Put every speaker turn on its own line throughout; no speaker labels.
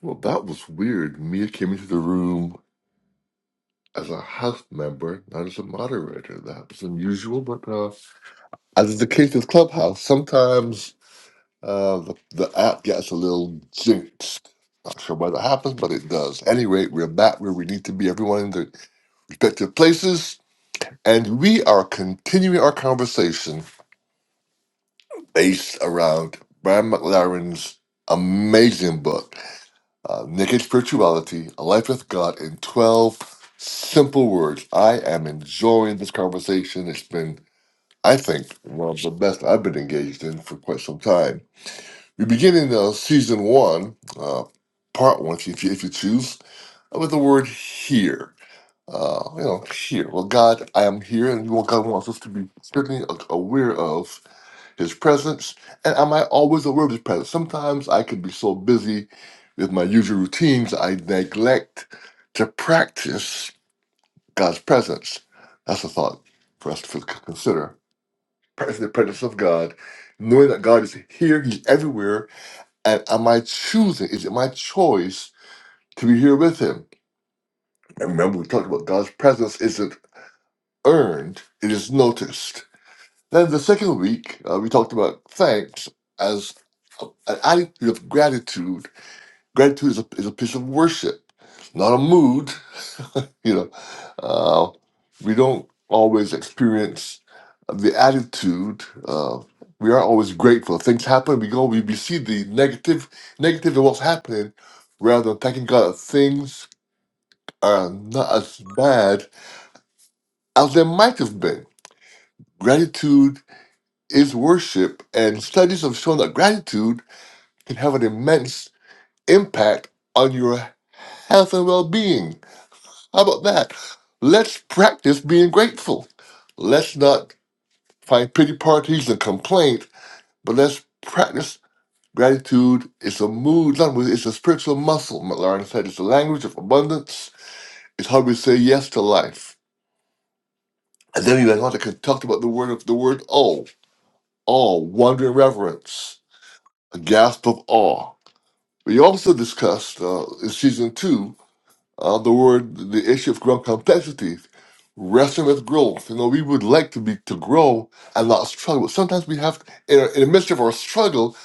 Well, that was weird. Mia came into the room as a house member, not as a moderator. That was unusual, but uh, as is the case with Clubhouse, sometimes uh, the, the app gets a little jinxed. Not sure why that happens, but it does. At Any rate, we're back where we need to be, everyone in their respective places, and we are continuing our conversation based around Brian McLaren's amazing book. uh, Naked Spirituality, A Life with God in 12 Simple Words. I am enjoying this conversation. It's been, I think, one of the best I've been engaged in for quite some time. We're beginning uh, season one, uh, part one, if you, if you choose, with the word here. Uh, you know, here. Well, God, I am here, and what God wants us to be certainly aware of his presence, and am I always aware of his presence? Sometimes I could be so busy with my usual routines, I neglect to practice God's presence. That's a thought for us to consider. Practice the presence of God, knowing that God is here, He's everywhere, and am I choosing? Is it my choice to be here with Him? And remember, we talked about God's presence isn't earned; it is noticed. Then the second week, uh, we talked about thanks as a, an attitude of gratitude. Gratitude is a, is a piece of worship, not a mood. You know, uh, we don't always experience the attitude. Uh, we are not always grateful. Things happen, we go, we, we see the negative, negative of what's happening, rather than thanking God that things are not as bad as they might have been. Gratitude is worship, and studies have shown that gratitude can have an immense impact on your health and well being. How about that? Let's practice being grateful. Let's not find pity parties and complaint, but let's practice gratitude. It's a mood, not a mood, it's a spiritual muscle. Lauren said it's the language of abundance. It's how we say yes to life. And then we went on to talk about the word of the word oh, all wonder and reverence, a gasp of awe We also discussed uh, in season two uh, the word, the issue of growth complexities, wrestling with growth. You know, we would like to be to grow and not struggle. But sometimes we have, in, our, in the midst of our struggle,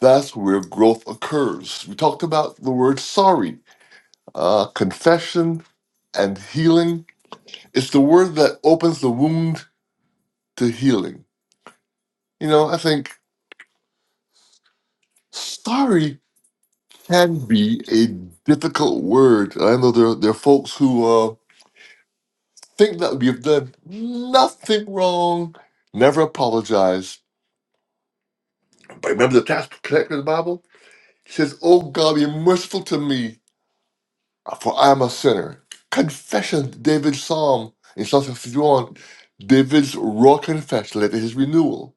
that's where growth occurs. We talked about the word sorry, uh, confession, and healing. It's the word that opens the wound to healing. You know, I think sorry can be a difficult word. I know there, there are folks who. uh, think that you've done nothing wrong. Never apologize. But remember the tax collector in the Bible? He says, Oh God, be merciful to me, for I am a sinner. Confession, David's psalm in Psalm 51, David's raw confession led to his renewal.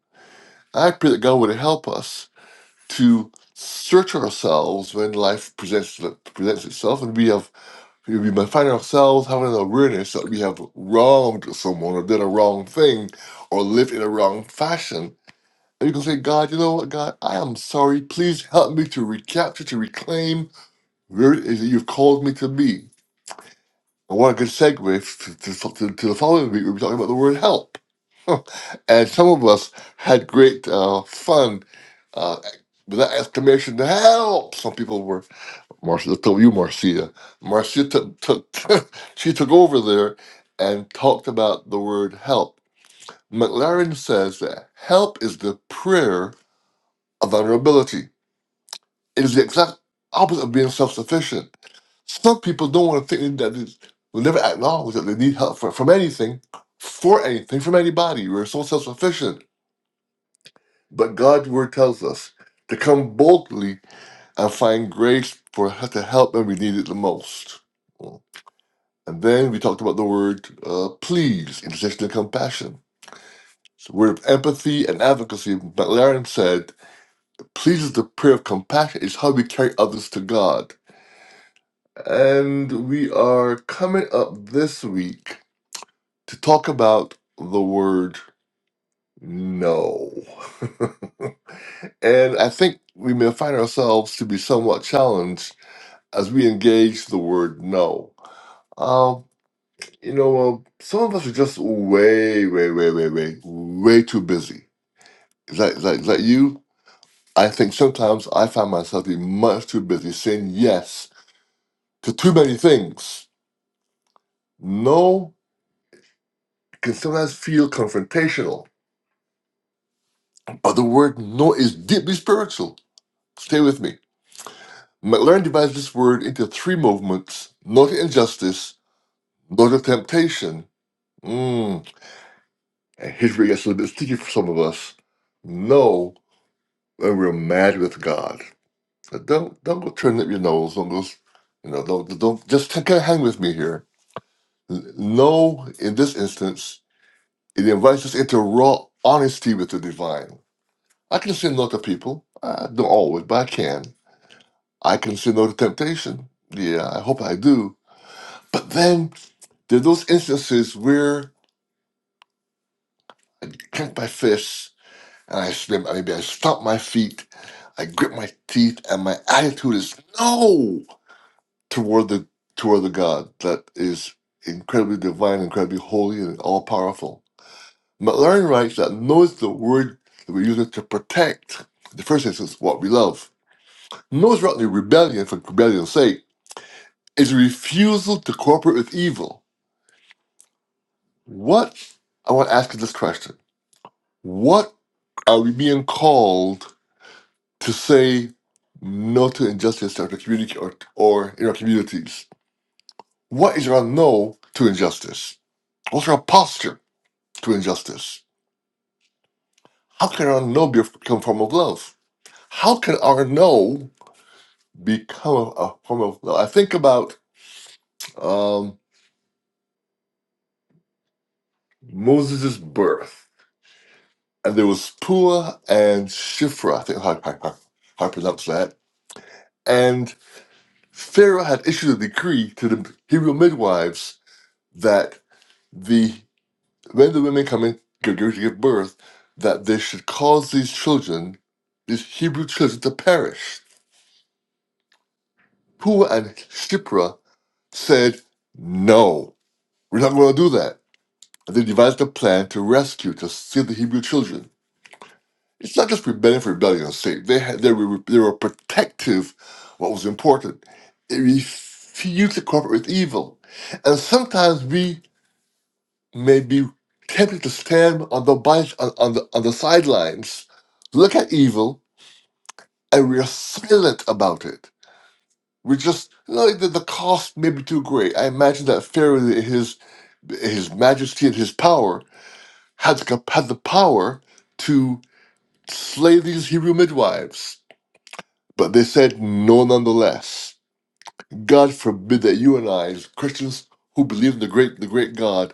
I pray that God would help us to search ourselves when life presents, presents itself and we have If We might find ourselves having an awareness that we have wronged someone or did a wrong thing or lived in a wrong fashion. And you can say, God, you know what, God, I am sorry. Please help me to recapture, to reclaim where it is that you've called me to be. And what a good segue to, to, to, the following week, we'll talking about the word help. and some of us had great uh, fun uh, with that exclamation, help! Some people were Marcia, I told you, Marcia. Marcia took, took she took over there and talked about the word help. McLaren says that help is the prayer of vulnerability. It is the exact opposite of being self-sufficient. Some people don't want to think that they will never acknowledge that they need help for, from anything, for anything, from anybody. We're so self-sufficient. But God's word tells us to come boldly and find grace for to help when we need it the most. And then we talked about the word uh, please, intersection of compassion. It's a word of empathy and advocacy. McLaren said, please is the prayer of compassion. It's how we carry others to God. And we are coming up this week to talk about the word no. and I think we may find ourselves to be somewhat challenged as we engage the word no. Um, You know, um, some of us are just way, way, way, way, way, way too busy. Is that, is that, is that you? I think sometimes I find myself being much too busy saying yes to too many things. No can sometimes feel confrontational, but the word no is deeply spiritual. Stay with me. McLaren divides this word into three movements no to injustice, no to temptation. Mm, and here's where it gets a little bit sticky for some of us. No, when we're mad with God. But don't don't go turning up your nose. Don't go, s- you know. Don't don't just take a hang with me here. N- No, in this instance, it invites us into raw honesty with the divine. I can say no to people. I don't always, but I can. I can say no to temptation. Yeah, I hope I do. But then there are those instances where I clench my fists and I slam. Maybe I stomp my feet. I grip my teeth, and my attitude is no. toward the toward the God that is incredibly divine, incredibly holy, and all powerful. McLaren writes that knows the word that we use it to protect, in the first instance, what we love. Knows rightly rebellion for rebellion's sake is a refusal to cooperate with evil. What I want to ask you this question: What are we being called to say no to injustice in our community or, or in our communities? What is our no to injustice? What's our posture? to injustice? How can our no be- become a form of love? How can our no become a a form of love? I think about um, Moses' birth, and there was Puah and Shifra, I think how, how, how how I pronounce that. And Pharaoh had issued a decree to the Hebrew midwives that the when the women come in to give to give birth, that they should cause these children, these Hebrew children, to perish. Puah and Shifra said, No, we're not going to do that. And they devised a plan to rescue, to save the Hebrew children. It's not just rebellion for rebellion's sake. They, had, they, were, they were protective of what was important. They refused to cooperate with evil. And sometimes we may be tempted to stand on the, by- on, on the, on the sidelines, look at evil, and we are silent about it. We just, you know, the, the cost may be too great. I imagine that Pharaoh, his his majesty and his power had the, cap- had the power to slay these Hebrew midwives. But they said no nonetheless. God forbid that you and I, as Christians who believe in the great the great God,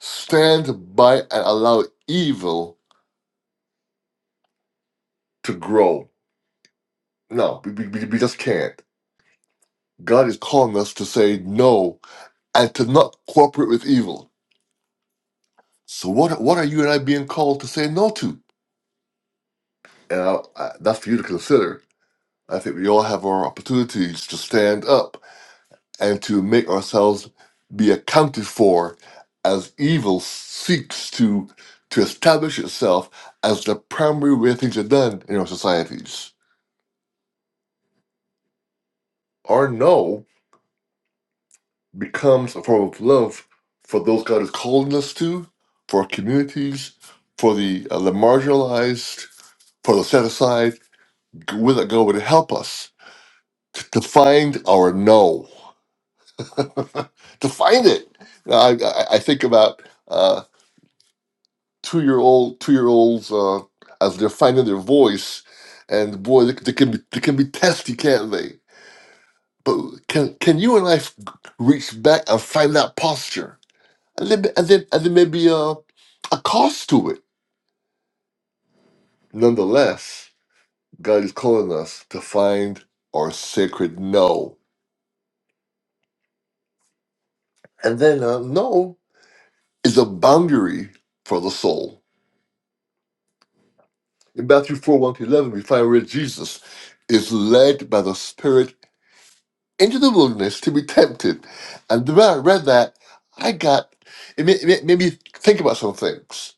stand by and allow evil to grow. No, we, we, we just can't. God is calling us to say no and to not cooperate with evil. So what what are you and I being called to say no to? And I, I, that's for you to consider I think we all have our opportunities to stand up and to make ourselves be accounted for as evil seeks to to establish itself as the primary way things are done in our societies. Our no becomes a form of love for those God is calling us to, for our communities, for the, uh, the marginalized, for the set aside, where that God would help us to, to find our no. to find it. You know, I, I, I think about uh, two year old two year olds uh, as they're finding their voice, and boy, they, they can be they can be testy, can't they? But can can you and I f- reach back and find that posture, and then and then and then maybe uh, a cost to it. Nonetheless, God is calling us to find our sacred no, and then uh, no is a boundary for the soul In Matthew 4 1 to 11, we find where Jesus is led by the Spirit into the wilderness to be tempted. And the when I read that, I got, it made, it made made me think about some things.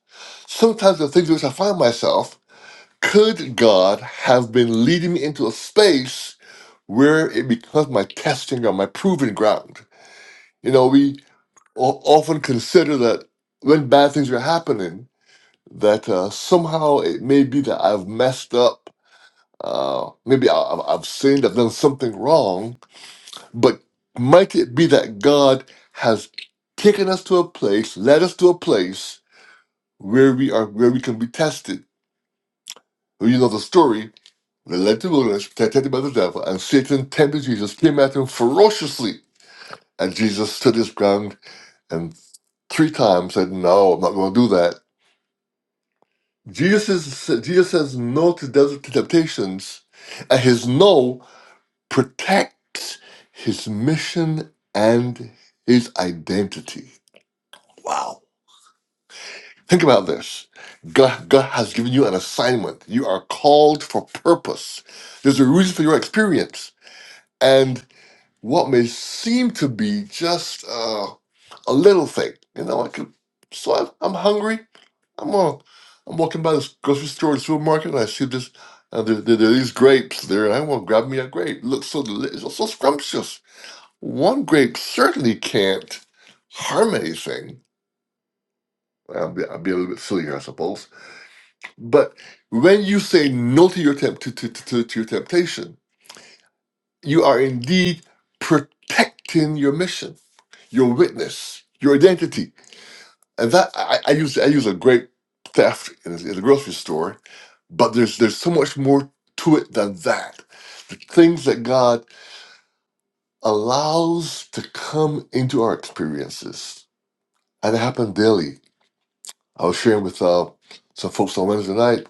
Sometimes the things in which I find myself, could God have been leading me into a space where it becomes my testing or my proving ground? You know, we o- often consider that when bad things are happening, that uh, somehow it may be that I've messed up Uh, maybe I, I've I've sinned, I've done something wrong, but might it be that God has taken us to a place, led us to a place where we are, where we can be tested. Well, you know the story. They led to the wilderness, tempted by the devil, and Satan tempted Jesus, came at him ferociously. And Jesus stood his ground and three times said, No, I'm not going to do that. Jesus, is, Jesus says no to, desert, temptations, and his no protects his mission and his identity. Wow. Think about this. God, God has given you an assignment. You are called for purpose. There's a reason for your experience. And what may seem to be just uh, a little thing, you know, I could, so I'm, I'm hungry. I'm uh, I'm walking by this grocery store, the supermarket, and I see this, and there, there, there are these grapes there, and I want to grab me a grape. Looks so delicious, so scrumptious. One grape certainly can't harm anything. I'll be, I'll be a little bit silly here, I suppose. But when you say no to your tempt to, to, to, to your temptation, you are indeed protecting your mission, your witness, your identity. And that I, I use I use a grape theft in a, in a grocery store, but there's there's so much more to it than that. The things that God allows to come into our experiences and it happen daily I was sharing with uh, some folks on Wednesday night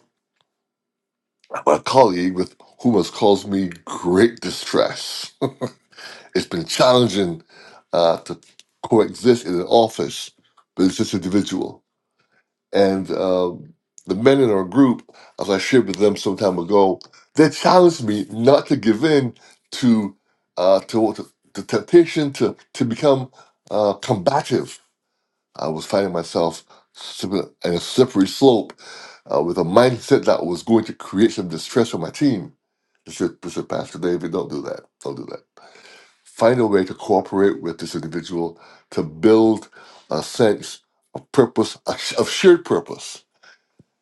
about a colleague with whom has caused me great distress. it's been challenging uh, to coexist in an office with this individual. And um, the men in our group, as I shared with them some time ago, they challenged me not to give in to uh, to, to, to temptation to to become uh, combative I was finding myself slipping in a slippery slope uh, with a mindset that was going to create some distress for my team. I said, I said, Pastor David, don't do that. Don't do that. Find a way to cooperate with this individual to build a sense of purpose, a sh- of shared purpose.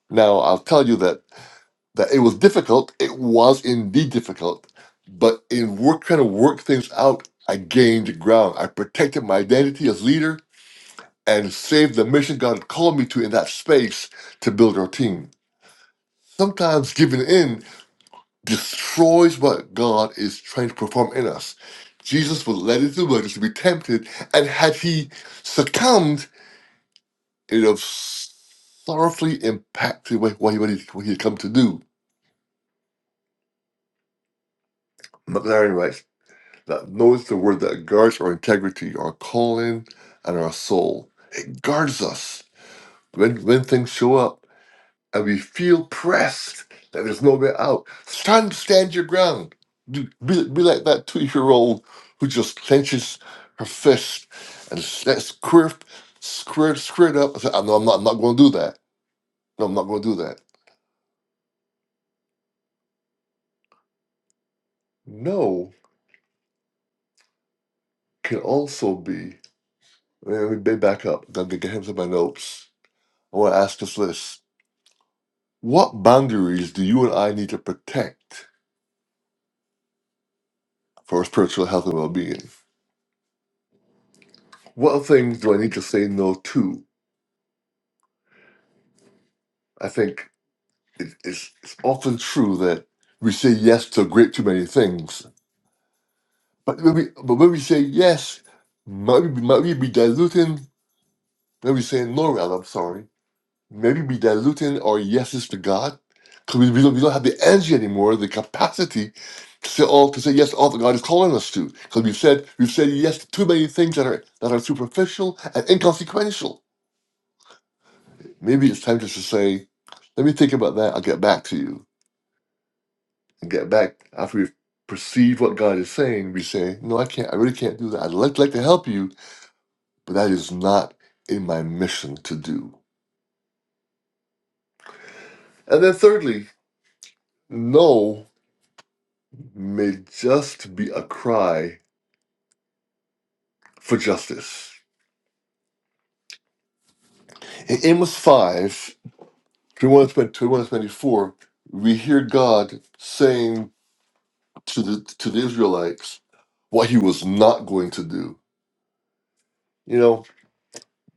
Now, I'll tell you that, that it was difficult. It was indeed difficult. But in work, trying to work things out, I gained ground. I protected my identity as leader and save the mission God called me to in that space to build our team. Sometimes giving in destroys what God is trying to perform in us. Jesus was led into the wilderness to be tempted, and had he succumbed, it would have sorrowfully impacted what, he, what, he, what he had come to do. McLaren writes that notice the word that guards our integrity, our calling, and our soul. It guards us. When, when things show up, and we feel pressed that there's no way out, stand, stand your ground. Do- Be, be like that two year old who just clenches her fist and that's squirt, squirt, squirt up. and say, "Oh, No, I'm not, I'm not going to do that. No, I'm not going to do that. No can also be, let me ba- back up, then to get into my notes. I want to ask us this What boundaries do you and I need to protect for our spiritual health and well being? What things do I need to say no to? I think it, it's, it's often true that we say yes to a great too many things. But when we, but when we say yes, might we, be- might we be diluting, when we say no, rather, I'm sorry, maybe be diluting our yeses to God? Because we, we, don't, we don't have the energy anymore, the capacity to say all to say yes to all that God is calling us to. Because we've said we've said yes to too many things that are that are superficial and inconsequential. Maybe it's time just to say, let me think about that, I'll get back to you and get back after we perceive what God is saying, we say, No, I can't, I really can't do that. I'd like, like to help you, but that is not in my mission to do. And then thirdly, no may just be a cry for justice. In Amos 5, twenty-one to 24, we hear God saying to the to the Israelites what he was not going to do. You know,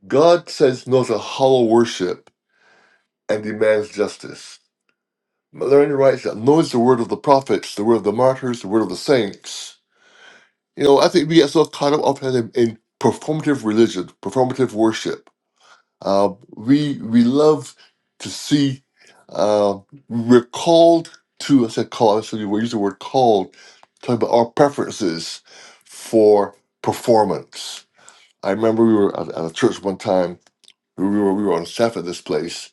God says no to hollow worship and demands justice. Larry writes that knows the word of the prophets, the word of the martyrs, the word of the saints. You know, I think we get so caught up often in, in performative religion, performative worship. Uh, we we love to see uh, we're called to. I said called. I said we use the word called, talking about our preferences for performance. I remember we were at, at a church one time. We were we were on staff at this place,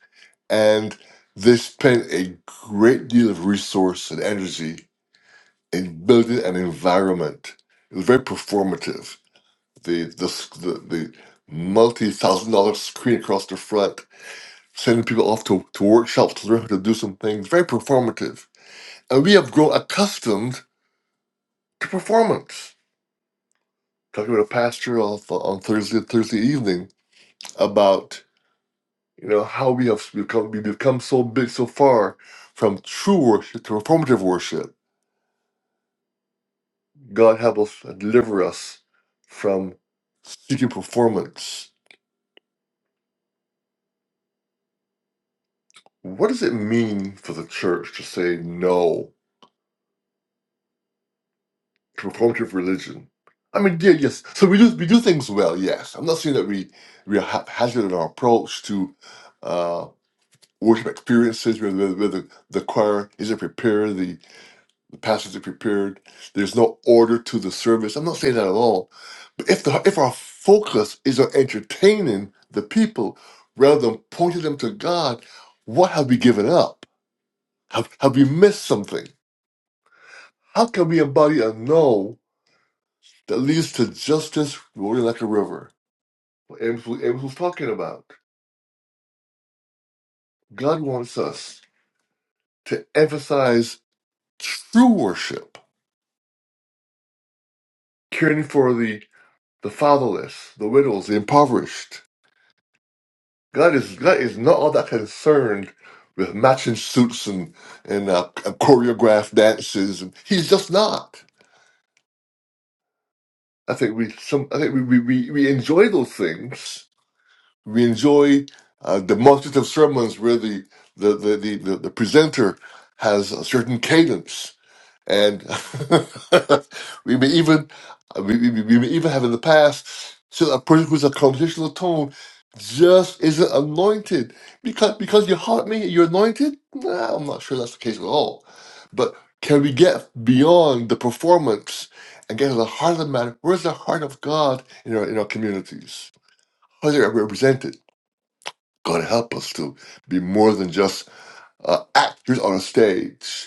and they spend a great deal of resource and energy in building an environment. It was very performative. The the the, the multi thousand dollar screen across the front, sending people off to, to workshops to learn how to do some things, very performative. And we have grown accustomed to performance. Talking about a pastor on, on Thursday Thursday evening about you know how we have become we become so big so far from true worship to performative worship God help us and deliver us from seeking performance. What does it mean for the church to say no to performative religion? I mean, yeah, yes. So we do we do things well, yes. I'm not saying that we we are haphazard in our approach to uh, worship experiences, whether, whether the choir isn't prepared, the. The pastors are prepared. There's no order to the service. I'm not saying that at all. But if the if our focus is on entertaining the people rather than pointing them to God, what have we given up? Have have we missed something? How can we embody a no that leads to justice rolling like a river? What Amos, was- Amos was talking about. God wants us to emphasize true worship, caring for the the fatherless, the widows, the impoverished God is God is not all that concerned with matching suits and and, uh, and choreographed dances. And he's just not. I think we some. I think we we, we, we enjoy those things. We enjoy uh, demonstrative sermons where the the the, the, the, the presenter has a certain cadence and we may even we, we, we may even have in the past said a person who's a conversational tone just isn't anointed because because your heart may you're anointed. Nah, I'm not sure that's the case at all. But can we get beyond the performance and get to the heart of the matter? Where's the heart of God in our in our communities? How is it represented? God help us to be more than just uh, actors on a stage.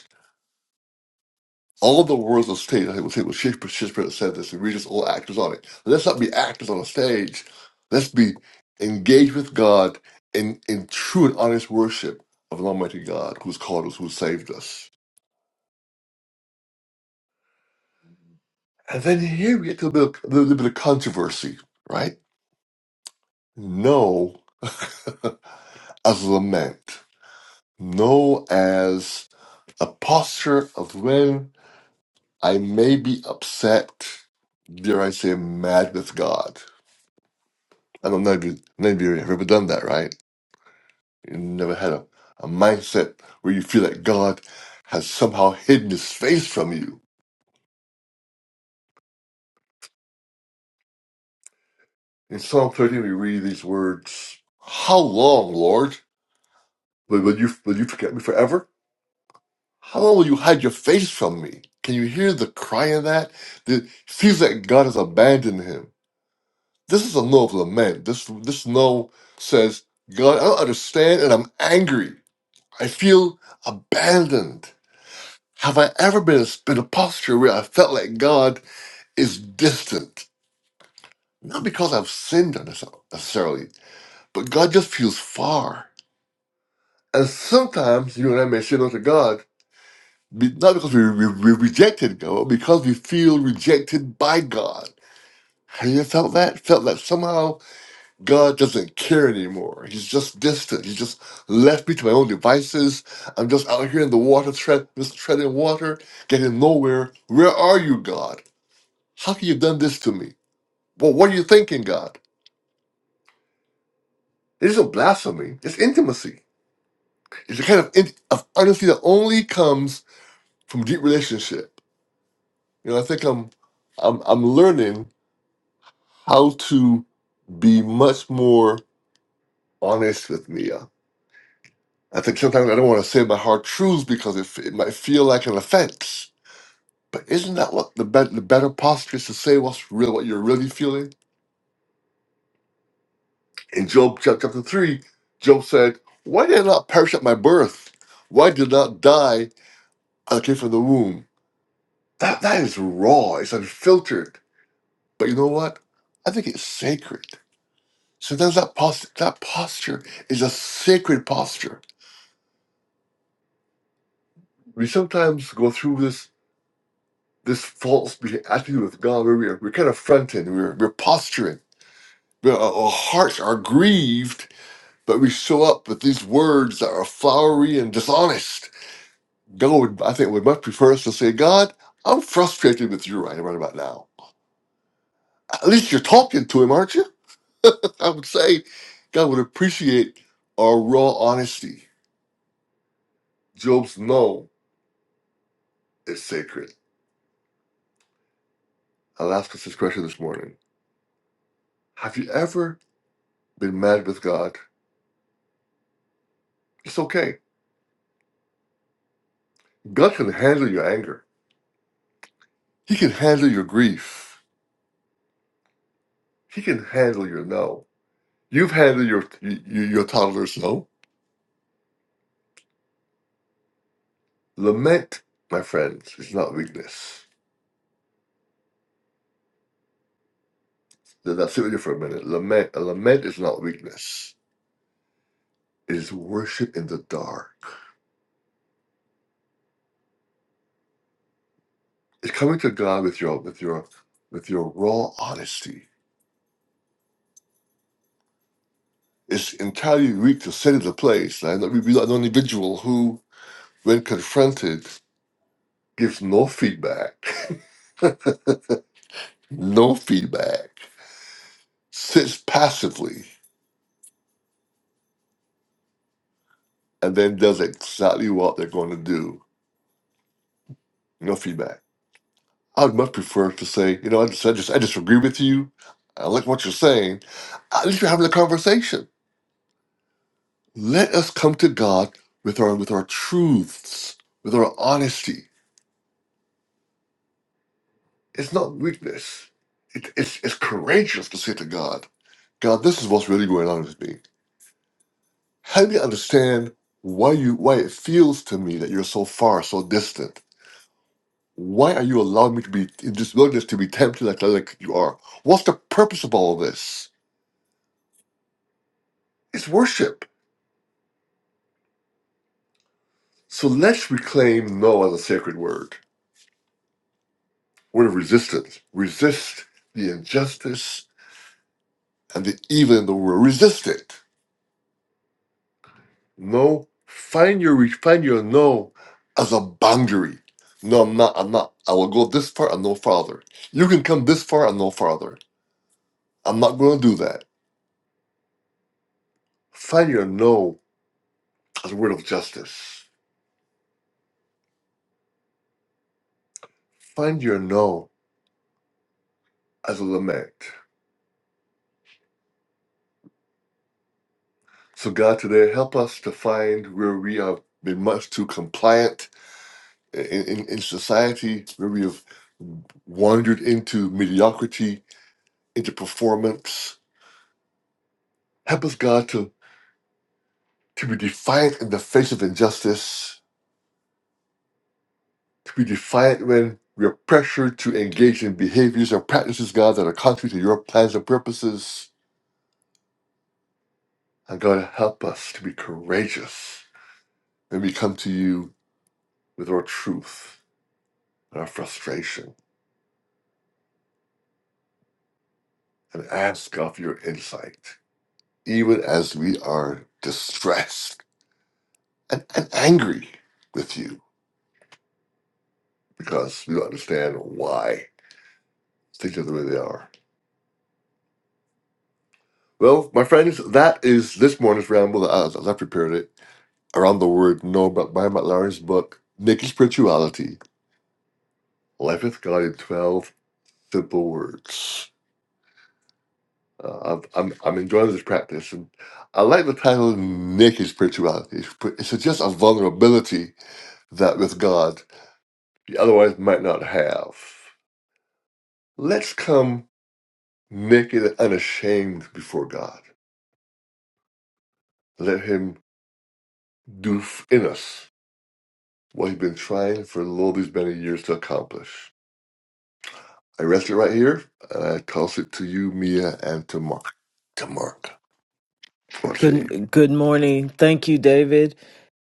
All the words a stage. I think it was Shakespeare, Shakespeare that said this. And we just all actors on it. Let's not be actors on a stage. Let's be engaged with God in, in true and honest worship of an Almighty God who's called us, who saved us. And then here we get to a little, a little bit of controversy, right? No as a lament. No as a posture of when I may be upset, dare I say, mad with God. I don't know if you, none of you have ever done that, right? You never had a, a mindset where you feel that God has somehow hidden his face from you. In Psalm 13, we read these words How long, Lord? Will, will, you, will you forget me forever? How long will you hide your face from me? Can you hear the cry of that? That feels that God has abandoned him. This is a no of lament. This, this no says, God, I don't understand and I'm angry. I feel abandoned. Have I ever been in a in a posture where I felt like God is distant? Not because I've sinned or nece- necessarily, but God just feels far. And sometimes you and I may say no to God, be- not because we, we, we rejected God, but because we feel rejected by God. Have you ever felt that? Felt that somehow God doesn't care anymore. He's just distant. He's just left me to my own devices. I'm just out here in the water, tread, just treading water, getting nowhere. Where are you, God? How can you have done this to me? Well, what are you thinking, God? It isn't blasphemy. It's intimacy. It's a kind of, in, of honesty that only comes from deep relationship. You know, I think I'm, I'm, I'm learning how to be much more honest with Mia. I think sometimes I don't want to say my hard truths because it, f- it might feel like an offense. But isn't that what the, bet the better posture is to say what's real, what you're really feeling? In Job chap- chapter 3, Job said, Why did I not perish at my birth? Why did I not die I came from the womb? That, that is raw, it's unfiltered. But you know what? I think it's sacred. Sometimes that, post- that posture is a sacred posture. We sometimes go through this this false beha- attitude with God where we're, we're kind of fronting, we're, we're posturing, we're, our our hearts are grieved, but we show up with these words that are flowery and dishonest God would, I think, would much prefer us to say, God, I'm frustrated with you right, right about now. At least you're talking to him, aren't you? I would say God would appreciate our raw honesty. Job's no is sacred. I'll ask us this question this morning. Have you ever been mad with God? It's okay. God can handle your anger. He can handle your grief. He can handle your no. You've handled your your, your toddler's no. Lament, my friends, is not weakness. Then I sit with you for a minute. Lament, a lament is not weakness. It is worship in the dark. It's coming to God with your with your with your raw honesty. It's entirely weak to sit in the place. I know, we we know an individual who, when confronted, gives no feedback, no feedback, sits passively, and then does exactly what they're going to do. No feedback I'd much prefer to say, you know, I just, I just, I disagree with you. I like what you're saying. At least you're having a conversation. Let us come to God with our with our truths, with our honesty. It's not weakness. It, it's it's courageous to say to God, God, this is what's really going on with me. Help me understand why you why it feels to me that you're so far, so distant. Why are you allowing me to be in this wilderness to be tempted like, like you are? What's the purpose of all this? It's worship. So let's reclaim no as a sacred word. Word of resistance. Resist the injustice and the evil in the world. Resist it. No. Find your find your no as a boundary. No, I'm not. I'm not. I will go this far and no farther. You can come this far and no farther. I'm not going to do that. Find your no as a word of justice. Find your no as a lament. So God, today help us to find where we have been much too compliant in, in, in society where we have wandered into mediocrity, into performance. Help us, God, to, to be defiant in the face of injustice, to be defiant when we are pressured to engage in behaviors and practices, God, that are contrary to your plans and purposes. And God, help us to be courageous when we come to you with our truth and our frustration and ask God for your insight, even as we are distressed and, and angry with you because you understand why things are the way they are. Well, my friends, that is this morning's ramble as, as I was I've prepared it around the word no but by Matt Larry's book, Naked Spirituality Life with God in 12 Simple Words. Uh, I'm, I'm, I'm enjoying this practice and I like the title Naked Spirituality. It suggests a vulnerability that with God you otherwise might not have. Let's come Make it unashamed before God. Let Him do f- in us what He's been trying for all these many years to accomplish. I rest it right here, and I toss it to you, Mia, and to Mark. To Mark, or to say you.
Good good morning. Thank you, David.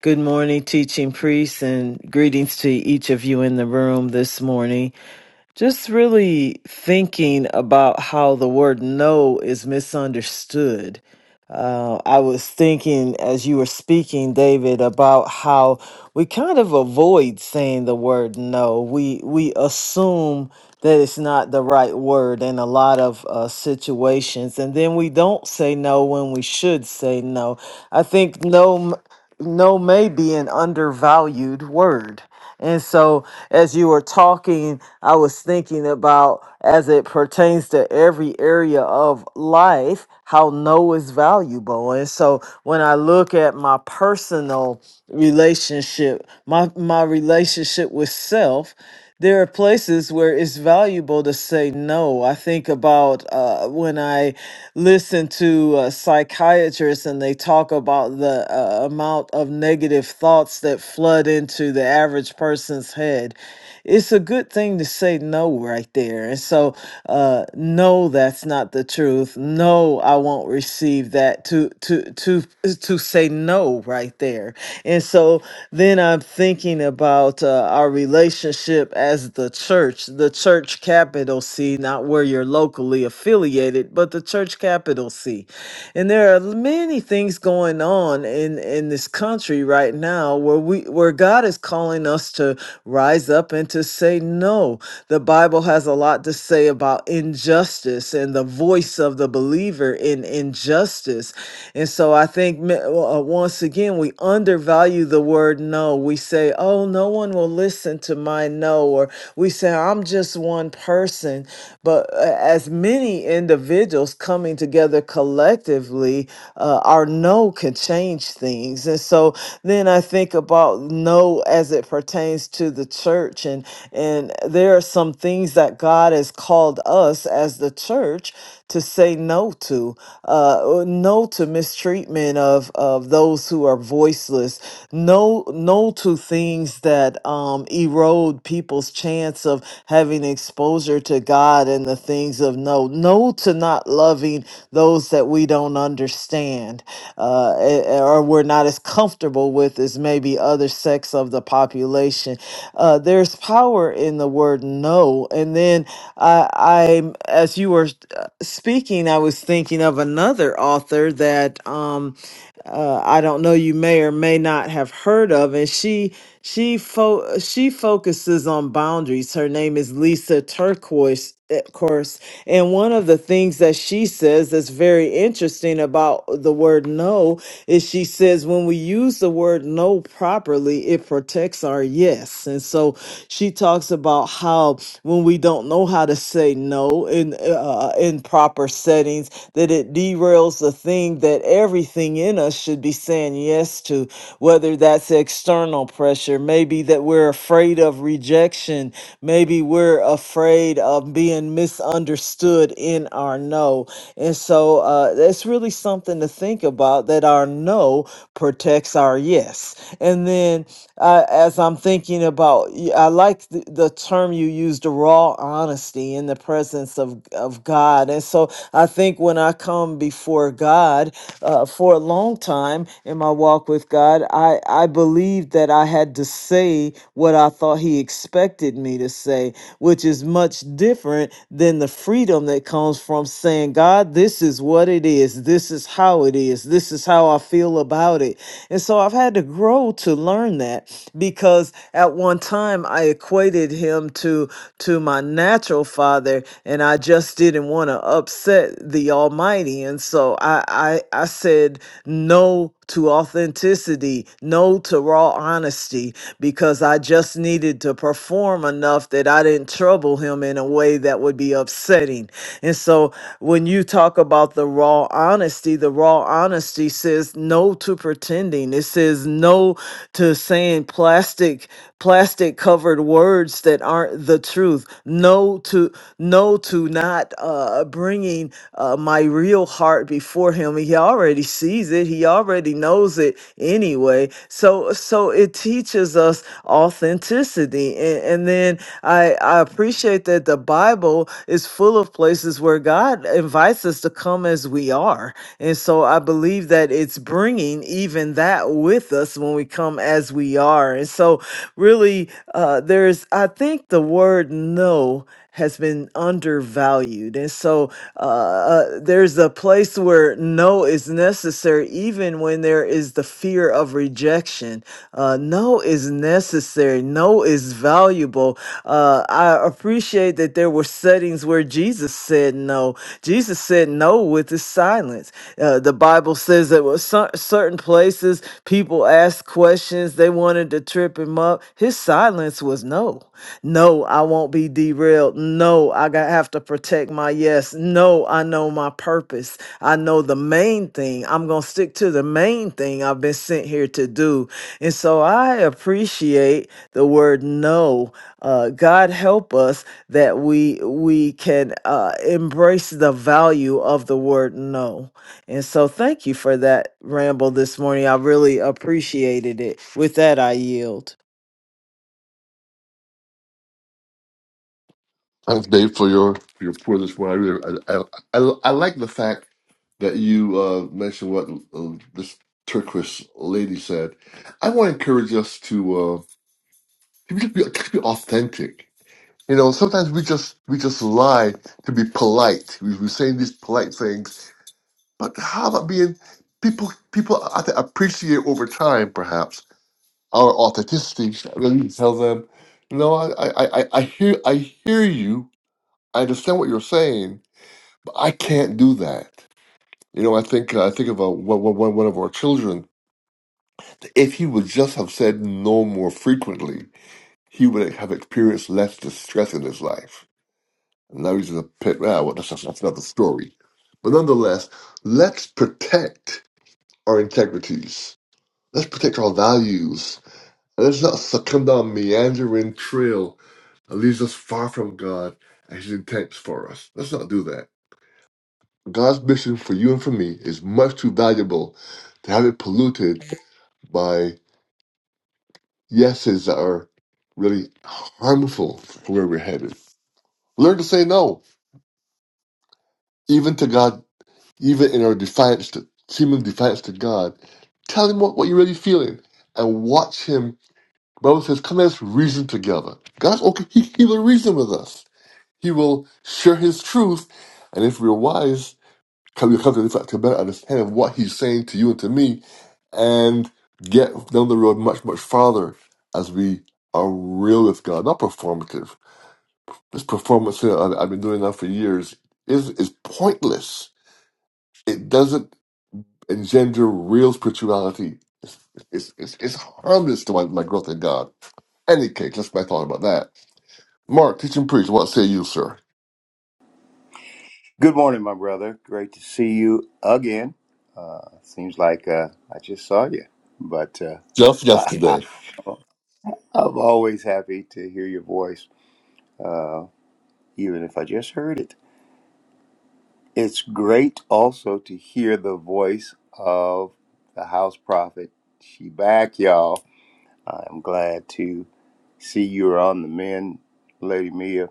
Good morning, teaching priests, and greetings to each of you in the room this morning. Just really thinking about how the word no is misunderstood. Uh, I was thinking as you were speaking, David, about how we kind of avoid saying the word no. We we assume that it's not the right word in a lot of uh, situations, and then we don't say no when we should say no. I think no no may be an undervalued word. And so as you were talking, I was thinking about as it pertains to every area of life, how no is valuable. And so when I look at my personal relationship, my my relationship with self, there are places where it's valuable to say no. I think about uh, when I listen to uh, psychiatrists and they talk about the uh, amount of negative thoughts that flood into the average person's head. It's a good thing to say no right there. And so, uh, no, that's not the truth. No, I won't receive that. To to to to say no right there. And so then I'm thinking about uh, our relationship as the church, the church capital C, not where you're locally affiliated, but the church capital C. And there are many things going on in in this country right now where we where God is calling us to rise up and to say no. The Bible has a lot to say about injustice and the voice of the believer in injustice. And so I think me- uh, uh, once again we undervalue the word no. We say, "Oh, no one will listen to my no or we say, I'm just one person. But uh, as many individuals coming together collectively, uh, our no can change things. And so then I think about no as it pertains to the church. And, and there are some things that God has called us as the church to say no to uh, or no to mistreatment of, of those who are voiceless no no to things that um, erode people's people's chance of having exposure to God and the things of no. No to not loving those that we don't understand uh, a- a- or we're not as comfortable with as maybe other sects of the population. Uh, there's power in the word no. And then I, I, as you were uh, speaking, I was thinking of another author that. Um, uh, I don't know you may or may not have heard of, and she she fo- she focuses on boundaries. Her name is Lisa Turquoise, of course, and one of the things that she says that's very interesting about the word no is she says when we use the word no properly, it protects our yes, and so she talks about how when we don't know how to say no in uh, in proper settings settings that it derails the thing that everything in us should be saying yes to, whether that's external pressure, maybe that we're afraid of rejection, maybe we're afraid of being misunderstood in our no. And so uh, that's really something to think about that our no protects our yes. And then uh, as I'm thinking about, y- I like the, the term you used, the raw honesty in the presence of, of God. And so I think when I come before God uh, for a long time in my walk with God, I, I believed that I had to say what I thought He expected me to say, which is much different than the freedom that comes from saying, God, this is what it is. This is how it is. This is how I feel about it. And so I've had to grow to learn that because at at one time I equated him to to my natural father, and I just didn't want to upset the Almighty, and so I I, I said no to authenticity, no to raw honesty, because I just needed to perform enough that I didn't trouble him in a way that would be upsetting. And so when you talk about the raw honesty, the raw honesty says no to pretending branding. It says no to saying plastic plastic covered words that aren't the truth. No to no to not uh, bringing uh, my real heart before him. He already sees it. He already knows it anyway. So so it teaches us authenticity. And, and then I, I appreciate that the Bible is full of places where God invites us to come as we are are. And so I believe that it's bringing even that with us when we come as we are. And so, really, uh, there's, I think the word no has been undervalued. And so uh, uh, there's a place where no is necessary, even when there is the fear of rejection. Uh, no is necessary, no is valuable. Uh, I appreciate that there were settings where where Jesus said no. Jesus said no with his silence. Uh, the Bible says that with cer- certain places people asked questions, they wanted to trip him up. His silence was no. No, I won't be derailed. No, I got have to protect my yes. No, I know my purpose. I know the main thing. I'm going to stick to the main thing I've been sent here to do. And so I appreciate the word no. Uh, God help us that we we can uh, embrace the value of the word no. And so thank you for that ramble this morning. I really appreciated it. With that, I yield.
Thanks, Dave, for your your pour this morning. I really, I, I, I, I like the fact that you uh, mentioned what uh, this Turkish lady said. I want to encourage us to uh, to be, to be authentic You know, sometimes we just we just lie to be polite. We, we're saying these polite things, but how about being people? People I think, appreciate over time, perhaps our authenticity. When you tell them, no, I, I I I hear I hear you. I understand what you're saying, but I can't do that. You know, I think I think of a, one, one, one of our children. If he would just have said no more frequently, he would have experienced less distress in his life And those are the pit. Ah, well, that's, that's another story. But nonetheless, let's protect our integrities. Let's protect our values. And let's not succumb down a meandering trail that leads us far from God and His intents for us. Let's not do that. God's mission for you and for me is much too valuable to have it polluted by yeses that are really harmful for where we're headed. Learn to say no, even to God even in our defiance to seeming defiance to God, tell him what, what you're really feeling and watch him. Bible says, Come let us reason together. God's okay, he, he will reason with us. He will share his truth. And if we're wise, come we come to, this- to a better understanding of what he's saying to you and to me and get down the road much, much farther as we are real with God, not performative. This performance thing I- I've been doing now for years is is pointless. It doesn't. engender real spirituality is, is, is, is harmless to my, my growth in God. Any case, that's my thought about that. Mark, teach and preach. What say you, sir?
Good morning, my brother. Great to see you again. Uh, seems like uh, I just saw you, but
Just
uh,
yesterday.
I'm always happy to hear your voice, even if I just heard it. It's great also to hear the voice of the house prophet. She back, y'all. I'm glad to see you're on the men, Lady Mia.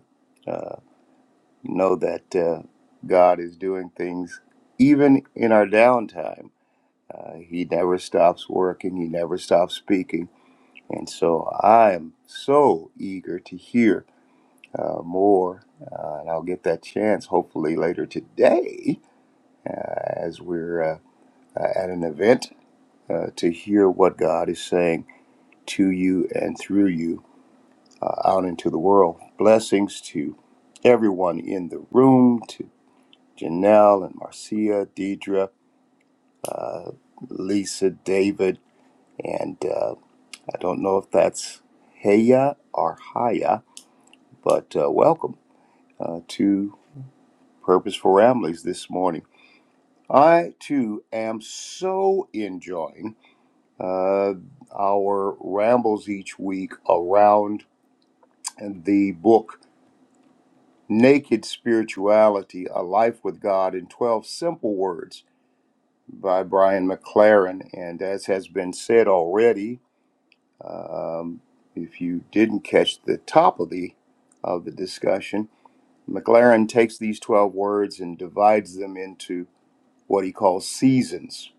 Know that uh, God is doing things even in our downtime. Uh, he never stops working, he never stops speaking. And so I am so eager to hear uh, more. Uh, and I'll get that chance hopefully later today uh, as we're uh, uh, at an event uh, to hear what God is saying to you and through you uh, out into the world. Blessings to everyone in the room, to Janelle and Marcia, Deidre, uh, Lisa, David, and. uh, I don't know if that's Heya or Haya, but uh, welcome uh, to Purpose for Ramblings this morning. I too am so enjoying uh, our rambles each week around the book Naked Spirituality A Life with God in 12 Simple Words by Brian McLaren. And as has been said already, um, if you didn't catch the top of the of the discussion, McLaren takes these 12 words and divides them into what he calls seasons,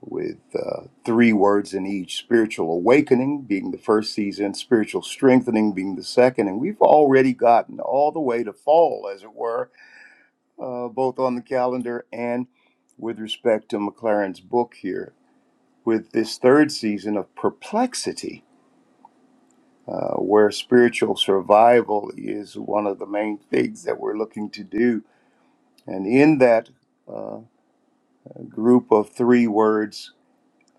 with uh, three words in each spiritual awakening being the first season, spiritual strengthening being the second. And we've already gotten all the way to fall, as it were, uh, both on the calendar and with respect to McLaren's book here, with this third season of perplexity. Uh, where spiritual survival is one of the main things that we're looking to do. And in that uh, group of three words.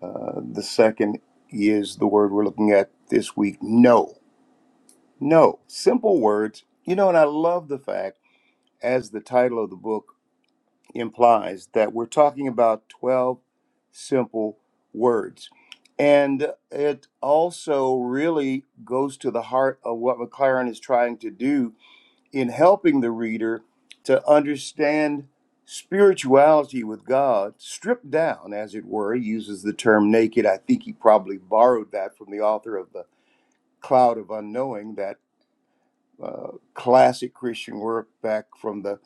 Uh, the second is the word we're looking at this week no. No. Simple words. You know, and I love the fact, as the title of the book implies, that we're talking about 12 simple words. And it also really goes to the heart of what McLaren is trying to do in helping the reader to understand spirituality with God, stripped down, as it were. He uses the term naked. I think he probably borrowed that from the author of The Cloud of Unknowing, that uh, classic Christian work back from the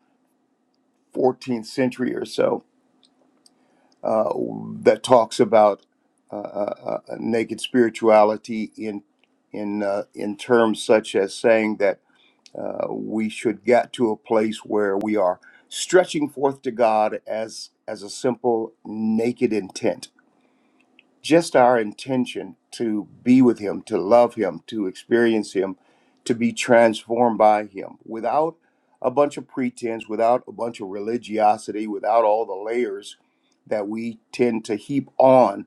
14th century or so uh, that talks about uh, uh, uh, naked spirituality in in uh, in terms such as saying that Uh, we should get to a place where we are stretching forth to God as as a simple naked intent, just our intention to be with Him, to love Him, to experience Him, to be transformed by Him, without a bunch of pretense, without a bunch of religiosity, without all the layers that we tend to heap on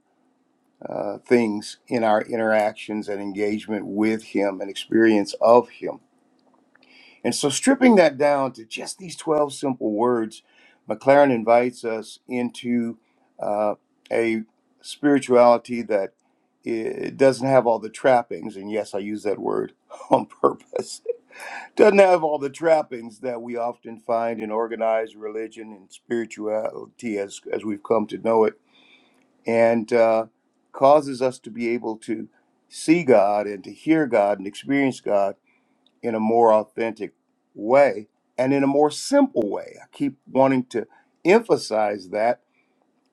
uh, things in our interactions and engagement with Him and experience of Him and so, stripping that down to just these 12 simple words, McLaren invites us into uh, a spirituality that it doesn't have all the trappings. And yes, I use that word on purpose. doesn't have all the trappings that we often find in organized religion and spirituality as, as we've come to know it, and uh, causes us to be able to see God and to hear God and experience God in a more authentic way and in a more simple way. I keep wanting to emphasize that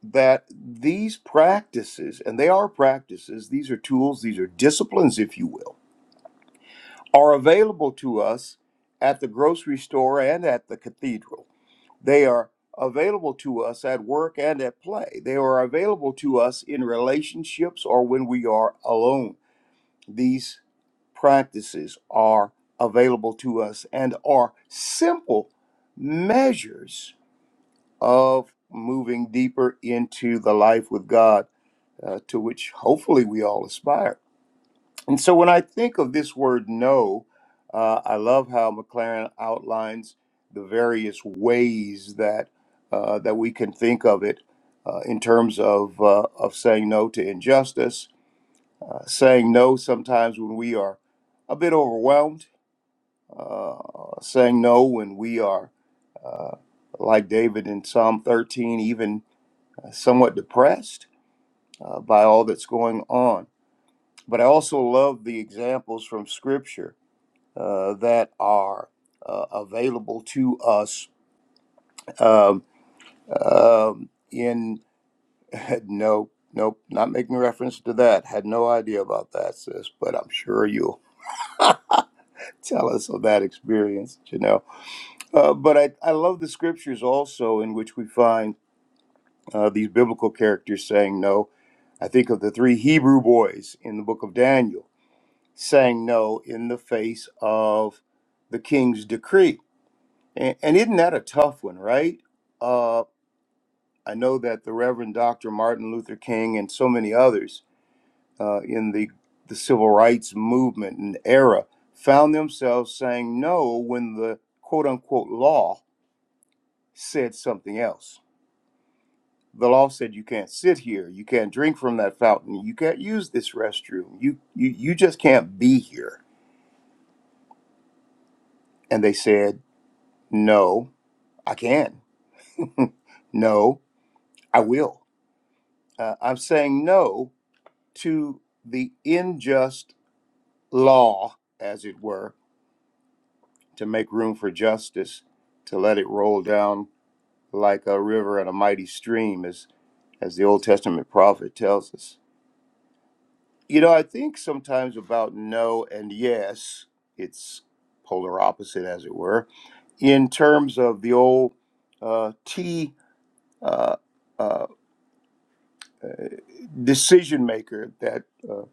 that these practices and they are practices, these are tools, these are disciplines if you will, are available to us at the grocery store and at the cathedral. They are available to us at work and at play. They are available to us in relationships or when we are alone. These practices are available to us and are simple measures of moving deeper into the life with God uh, to which hopefully we all aspire. And so when I think of this word no, uh, I love how McLaren outlines the various ways that uh, that we can think of it uh, in terms of uh, of saying no to injustice, uh, saying no sometimes when we are a bit overwhelmed uh, saying no when we are like David in Psalm 13, even somewhat depressed uh, by all that's going on. But I also love the examples from Scripture uh, that are uh, available to us um, um, in no. Nope, not making reference to that. Had no idea about that, sis, but I'm sure you'll tell us of that experience, you know. Uh, but I, I love the scriptures also in which we find uh, these biblical characters saying no. I think of the three Hebrew boys in the book of Daniel saying no in the face of the king's decree. And, and isn't that a tough one, right? Uh, I know that the Reverend Dr. Martin Luther King and so many others uh, in the, the civil rights movement and era found themselves saying no when the quote unquote law said something else the law said you can't sit here, you can't drink from that fountain, you can't use this restroom. You you you just can't be here. And they said, "No, I can. no, I will. Uh, I'm saying no to the unjust law, as it were, to make room for justice, to let it roll down like a river and a mighty stream, as as the Old Testament prophet tells us." You know, I think sometimes about no and yes, it's polar opposite, as it were, in terms of the old uh, T uh, uh, decision maker that uh,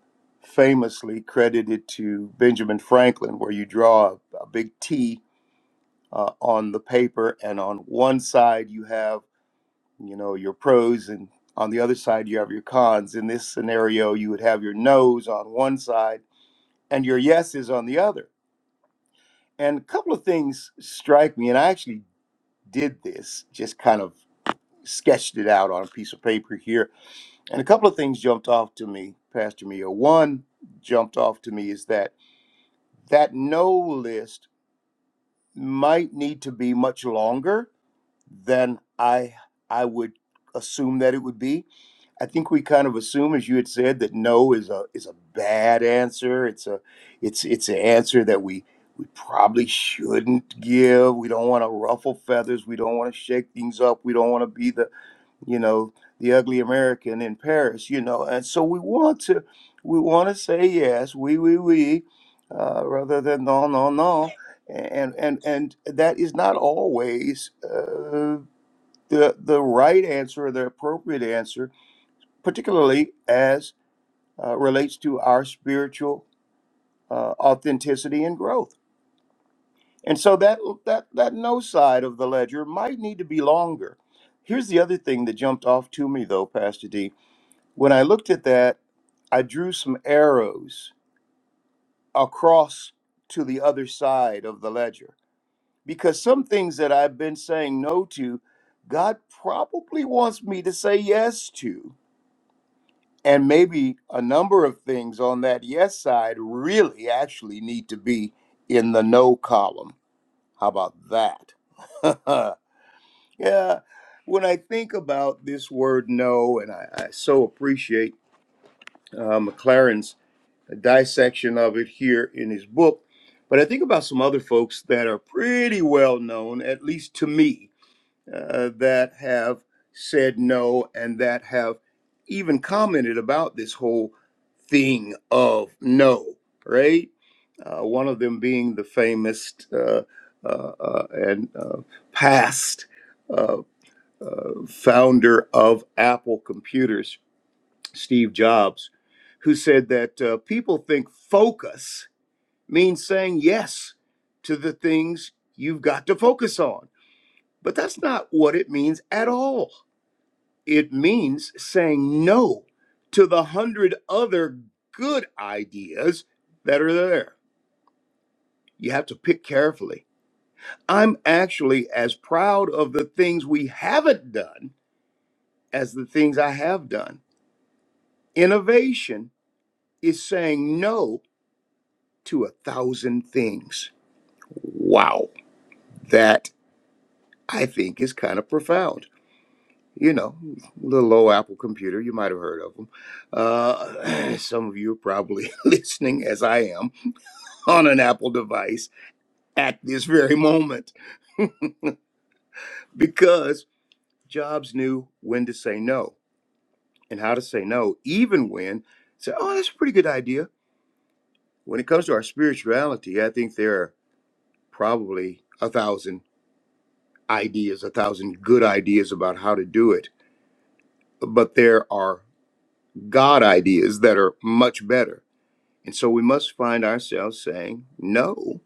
famously credited to Benjamin Franklin, where you draw a, a big T uh, on the paper, and on one side you have, you know, your pros, and on the other side you have your cons. In this scenario, you would have your no's on one side and your yes is on the other. And a couple of things strike me, and I actually did this, just kind of sketched it out on a piece of paper here. And a couple of things jumped off to me, Pastor Mia. One jumped off to me is that that no list might need to be much longer than I I would assume that it would be I think we kind of assume, as you had said, that no is a is a bad answer. It's a it's it's an answer that we we probably shouldn't give. We don't want to ruffle feathers. We don't want to shake things up. We don't want to be the you know the ugly American in Paris. You know, and so we want to we want to say yes, we we we, uh, rather than no no no, and and and that is not always uh, the the right answer or the appropriate answer particularly as uh, relates to our spiritual uh, authenticity and growth. And so that that that no side of the ledger might need to be longer. Here's the other thing that jumped off to me though, Pastor D. When I looked at that, I drew some arrows across to the other side of the ledger because some things that I've been saying no to, God probably wants me to say yes to and maybe a number of things on that yes side really actually need to be in the no column. How about that? yeah, when I think about this word no, and I, I so appreciate uh, McLaren's dissection of it here in his book, but I think about some other folks that are pretty well known, at least to me, uh, that have said no and that have even commented about this whole thing of no, right? Uh, one of them being the famous uh, uh, uh, and uh, past uh, uh, founder of Apple Computers, Steve Jobs, who said that uh, people think focus means saying yes to the things you've got to focus on. But that's not what it means at all it means saying no to the hundred other good ideas that are there. You have to pick carefully. I'm actually as proud of the things we haven't done as the things I have done. Innovation is saying no to a thousand things. Wow, that I think is kind of profound. You know, little old Apple computer, you might have heard of them. Uh, some of you are probably listening as I am on an Apple device at this very moment because Jobs knew when to say no and how to say no, even when say, "Oh, that's a pretty good idea." When it comes to our spirituality, I think there are probably a thousand ideas, a thousand good ideas about how to do it, but there are God ideas that are much better, and so we must find ourselves saying no,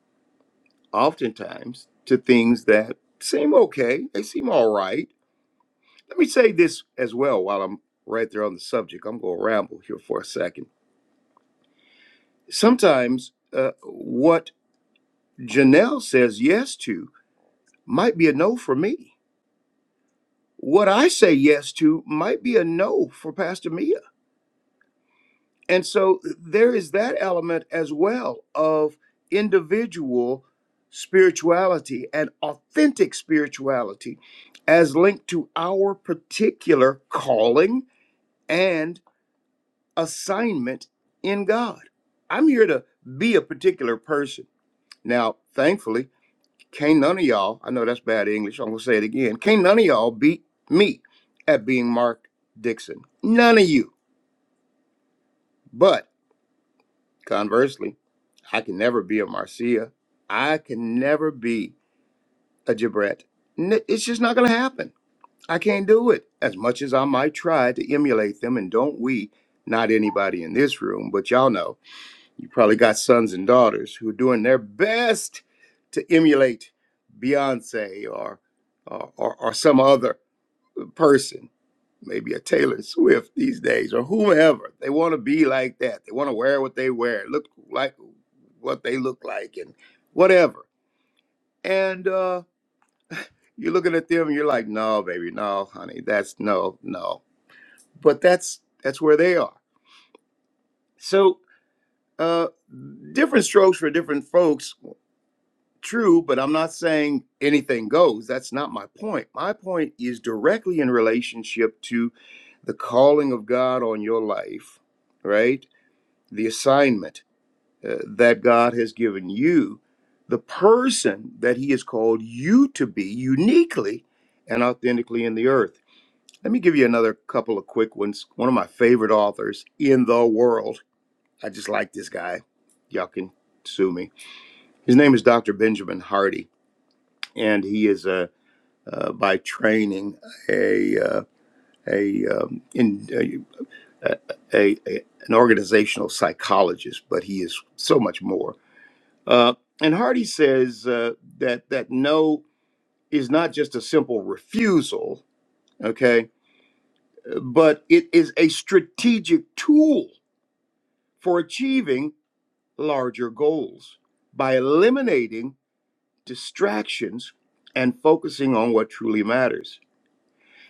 oftentimes to things that seem okay, they seem all right Let me say this as well while I'm right there on the subject. I'm going to ramble here for a second. Sometimes uh, what Janelle says yes to might be a no for me. What I say yes to might be a no for Pastor Mia. And so there is that element as well of individual spirituality and authentic spirituality as linked to our particular calling and. assignment in God. I'm here to be a particular person. Now, thankfully, can't none of y'all, I know that's bad English, I'm gonna say it again. Can't none of y'all beat me at being Mark Dixon. None of you. But conversely, I can never be a Marcia. I can never be a Gibret. N- It's just not gonna happen. I can't do it. As much as I might try to emulate them, and don't we, not anybody in this room, but y'all know You probably got sons and daughters who are doing their best to emulate Beyonce or or, or, or some other person, maybe a Taylor Swift these days or whomever. They want to be like that. They want to wear what they wear, look like what they look like, and whatever. And uh, you're looking at them and you're like, no, baby, no, honey, that's no, no. But that's that's where they are. So uh, different strokes for different folks. True, but I'm not saying anything goes. That's not my point. My point is directly in relationship to the calling of God on your life, right? The assignment uh, that God has given you, the person that He has called you to be uniquely and authentically in the earth. Let me give you another couple of quick ones. One of my favorite authors in the world. I just like this guy. Y'all can sue me. His name is Dr. Benjamin Hardy and he is a uh, by training a uh, a um, in a, a, a an organizational psychologist, but he is so much more. Uh, and Hardy says uh, that that no is not just a simple refusal, okay, but it is a strategic tool for achieving larger goals by eliminating distractions and focusing on what truly matters.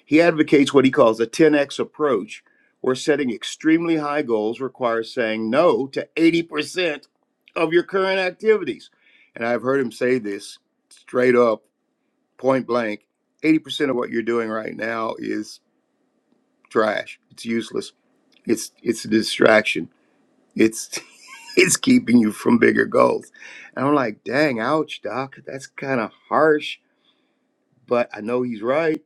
He advocates what he calls a 10x approach, where setting extremely high goals requires saying no to 80% of your current activities. And I've heard him say this straight up, point blank 80% of what you're doing right now is trash, it's useless, it's, it's a distraction. It's it's keeping you from bigger goals. And I'm like, dang, ouch, doc. That's kind of harsh, but I know he's right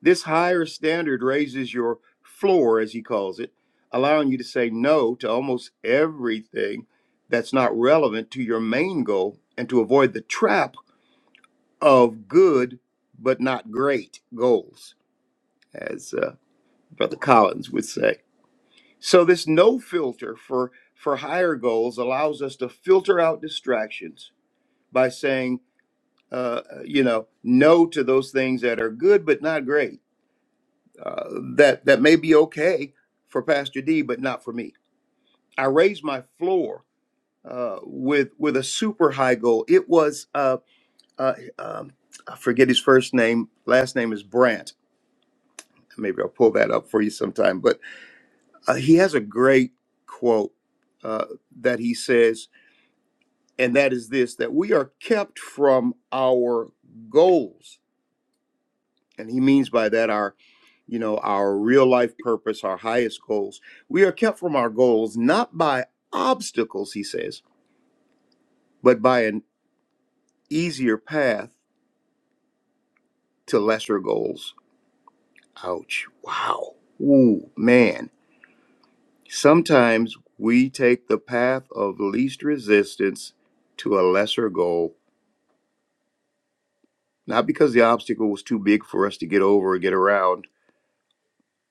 This higher standard raises your floor, as he calls it, allowing you to say no to almost everything that's not relevant to your main goal and to avoid the trap of good but not great goals, as uh, Brother Collins would say. So, this no filter for, for higher goals allows us to filter out distractions by saying, uh, you know, no to those things that are good but not great uh, that that may be okay for Pastor D, but not for me. I raised my floor uh, with with a super high goal. It was uh, uh, um, I forget his first name. Last name is Brandt. Maybe I'll pull that up for you sometime. But uh, he has a great quote uh, that he says, and that is this: that we are kept from our goals, and he means by that our you know, our real life purpose, our highest goals. We are kept from our goals not by obstacles, he says, but by an easier path to lesser goals. Ouch. Wow. Ooh, man. Sometimes we take the path of least resistance to a lesser goal, not because the obstacle was too big for us to get over or get around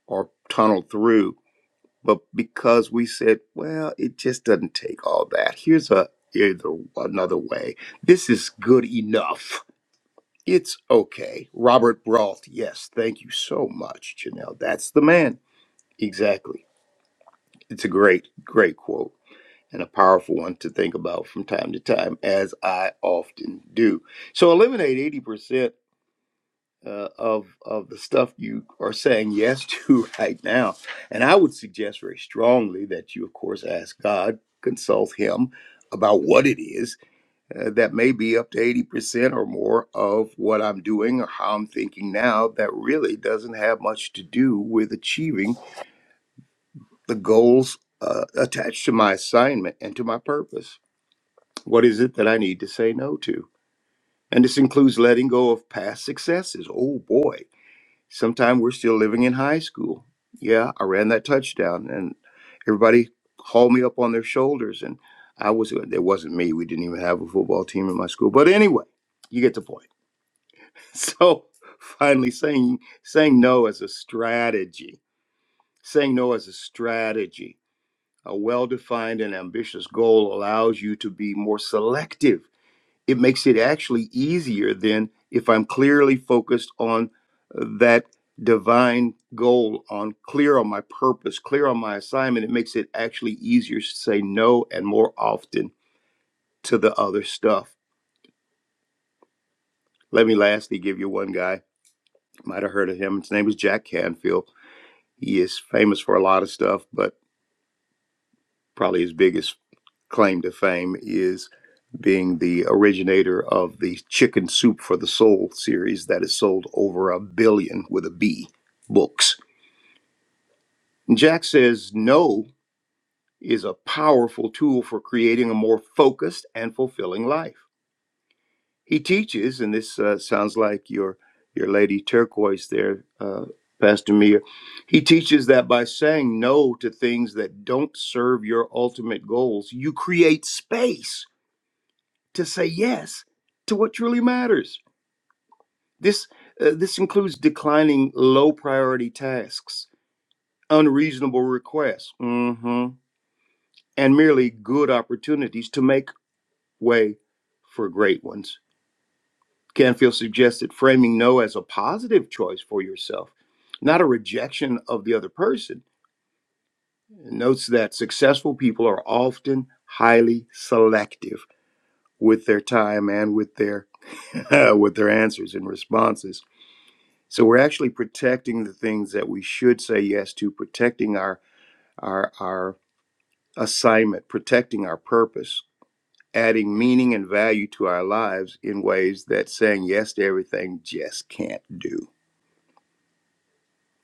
or tunnel through, but because we said, well, it just doesn't take all that. Here's a either another way. This is good enough. It's okay. Robert Brault, yes, thank you so much, Janelle. That's the man. Exactly. It's a great, great quote and a powerful one to think about from time to time, as I often do. So eliminate 80% uh, of of the stuff you are saying yes to right now. And I would suggest very strongly that you, of course, ask God, consult Him about what it is uh, that may be up to 80% or more of what I'm doing or how I'm thinking now that really doesn't have much to do with achieving the goals uh, attached to my assignment and to my purpose. What is it that I need to say no to? And this includes letting go of past successes. Oh boy Sometimes we're still living in high school. Yeah, I ran that touchdown and everybody hauled me up on their shoulders and I was uh, it wasn't me. We didn't even have a football team in my school. But anyway, you get the point. So finally saying saying no as a strategy. Saying no as a strategy. A well-defined and ambitious goal allows you to be more selective it makes it actually easier than if I'm clearly focused on uh, that divine goal, on clear on my purpose, clear on my assignment. It makes it actually easier to say no and more often to the other stuff. Let me lastly give you one guy. Might have heard of him. His name is Jack Canfield. He is famous for a lot of stuff, but probably his biggest claim to fame is being the originator of the Chicken Soup for the Soul series that has sold over a billion with a B books. Jack says no is a powerful tool for creating a more focused and fulfilling life. He teaches, and this uh, sounds like your your lady turquoise there, uh, Pastor Mia. He teaches that by saying no to things that don't serve your ultimate goals, you create space to say yes to what truly matters. This uh, this includes declining low priority tasks, unreasonable requests, mhm, and merely good opportunities to make way for great ones. Canfield suggested framing no as a positive choice for yourself, not a rejection of the other person. Notes that successful people are often highly selective with their time and with their with their answers and responses So we're actually protecting the things that we should say yes to, protecting our our our assignment, protecting our purpose, adding meaning and value to our lives in ways that saying yes to everything just can't do.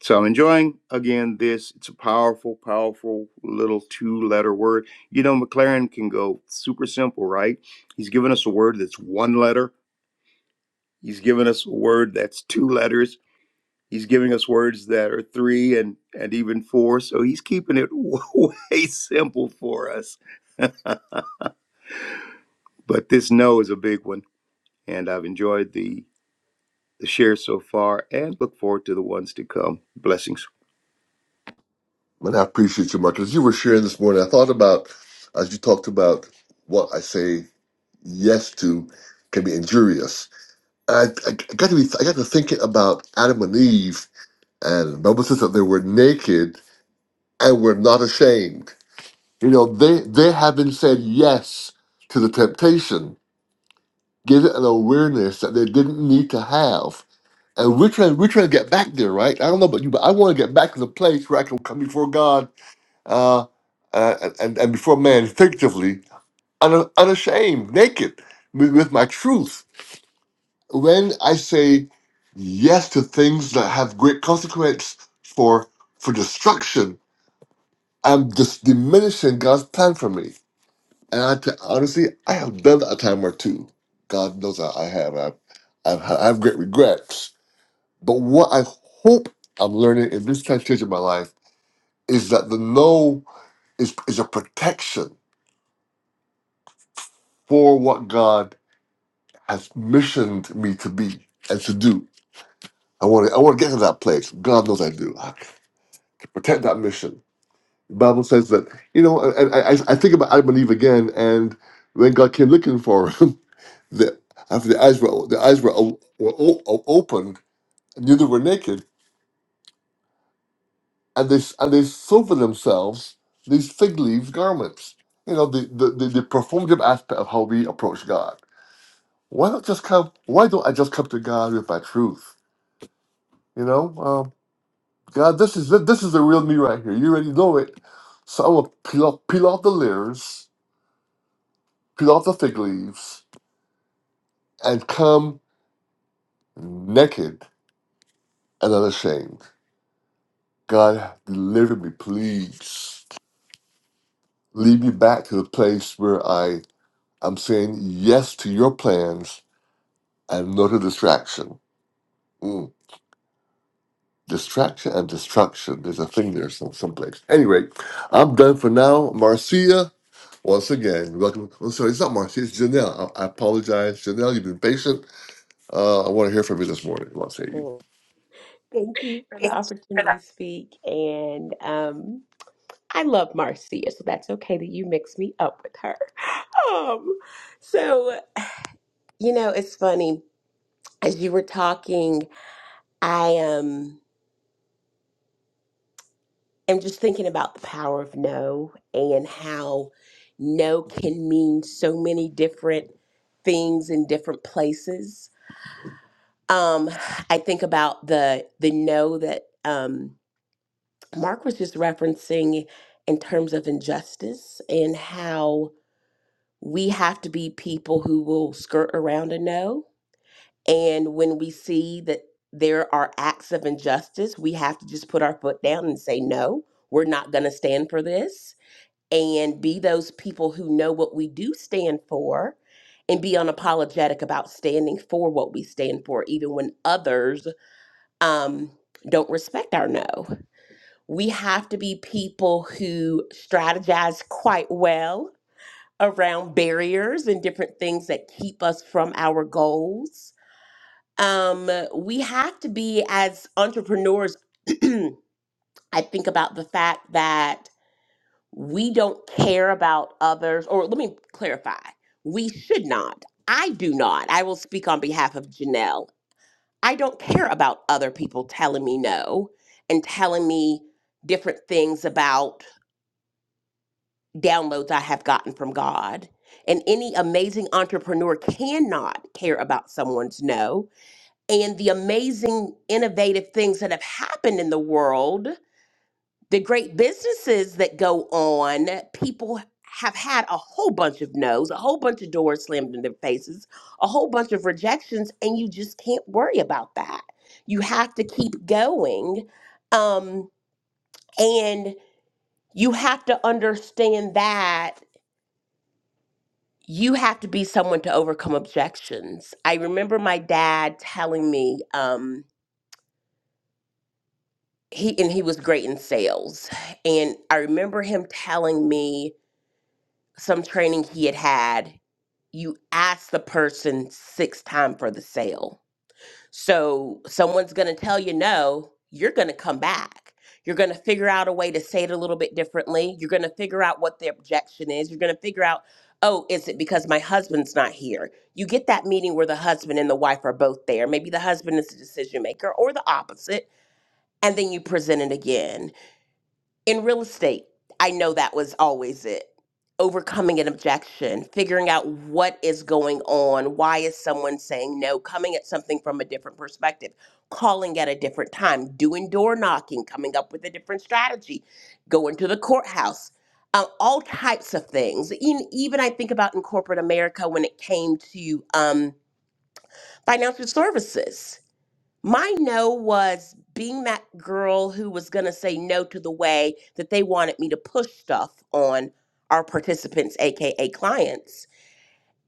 So I'm enjoying again this. It's a powerful, powerful little two-letter word. You know, McLaren can go super simple, right? He's given us a word that's one letter. He's given us a word that's two letters He's giving us words that are three and, and even four. So he's keeping it way simple for us. but this no is a big one. And I've enjoyed the, the shares so far and look forward to the ones to come. Blessings.
And I appreciate you, Mark. As you were sharing this morning, I thought about, as you talked about what I say yes to can be injurious. I, I, got to be, I got to thinking about Adam and Eve and the Bible says that they were naked and were not ashamed. You know, they, they haven't said yes to the temptation give it an awareness that they didn't need to have. And we're trying, we're trying to get back there, right? I don't know about you, but I want to get back to the place where I can come before God uh, uh, and, and before man effectively, un, unashamed, naked, with, with my truth. When I say yes to things that have great consequence for for destruction, I'm just diminishing God's plan for me. And I t- honestly, I have done that a time or two. God knows I, I have. I've, I've, had- I have great regrets. But what I hope I'm learning in this time stage of my life is that the no is, is a protection for what God has missioned me to be and to do. I want to I want to get to that place. God knows I do. I, to protect that mission. The Bible says that, you know, and and I, I think about Adam and Eve again, and when God came looking for 'em, the after the eyes were the eyes were, o- were o- o- opened and knew they were naked and they and they sew for themselves these fig leaves garments you know the the, the, the performative aspect of how we approach god why not just come why don't i just come to god with my truth you know um, god this is this is the real me right here you already know it so i will peel off, peel off the layers peel off the fig leaves and come naked and unashamed god deliver me please lead me back to the place where I I'm saying yes to your plans and no to distraction. Mm. Distraction and destruction. There's a thing there some someplace. Anyway, I'm done for now. Marcia, once again, welcome. I'm sorry, it's not Marcia, it's Janelle. I, I apologize. Janelle, you've been patient. Uh, I want to hear from you this morning. I want to say you.
Well, Thank you for the opportunity to speak. And um, I love Marcia, so that's okay that you mix me up with her. Um, so, you know, it's funny. As you were talking, I am. am just thinking about the power of no and how no can mean so many different things in different places. Um, I think about the the no that um, Mark was just referencing in terms of injustice and how we have to be people who will skirt around a no. And when we see that there are acts of injustice, we have to just put our foot down and say, no, we're not going to stand for this and be those people who know what we do stand for and be unapologetic about standing for what we stand for, even when others um, don't respect our no. We have to be people who strategize quite well around barriers and different things that keep us from our goals. Um, we have to be, as entrepreneurs, I think about the fact that we don't care about others, or let me clarify, we should not. I do not. I will speak on behalf of Janelle. I don't care about other people telling me no and telling me different things about downloads I have gotten from God. And any amazing entrepreneur cannot care about someone's no. And the amazing, innovative things that have happened in the world the great businesses that go on, people have had a whole bunch of no's, a whole bunch of doors slammed in their faces, a whole bunch of rejections, and you just can't worry about that. You have to keep going. Um, and you have to understand that you have to be someone to overcome objections. I remember my dad telling me, um, he and he was great in sales. And I remember him telling me some training he had had you ask the person six time for the sale so someone's going to tell you no you're going to come back you're going to figure out a way to say it a little bit differently you're going to figure out what the objection is you're going to figure out oh is it because my husband's not here you get that meeting where the husband and the wife are both there maybe the husband is the decision maker or the opposite and then you present it again in real estate, I know that was always it. Overcoming an objection, figuring out what is going on, why is someone saying no, coming at something from a different perspective, calling at a different time, doing door knocking, coming up with a different strategy, going to the courthouse, uh, all types of things. Even, even I think about in corporate America when it came to um, financial services my no was being that girl who was going to say no to the way that they wanted me to push stuff on our participants, AKA clients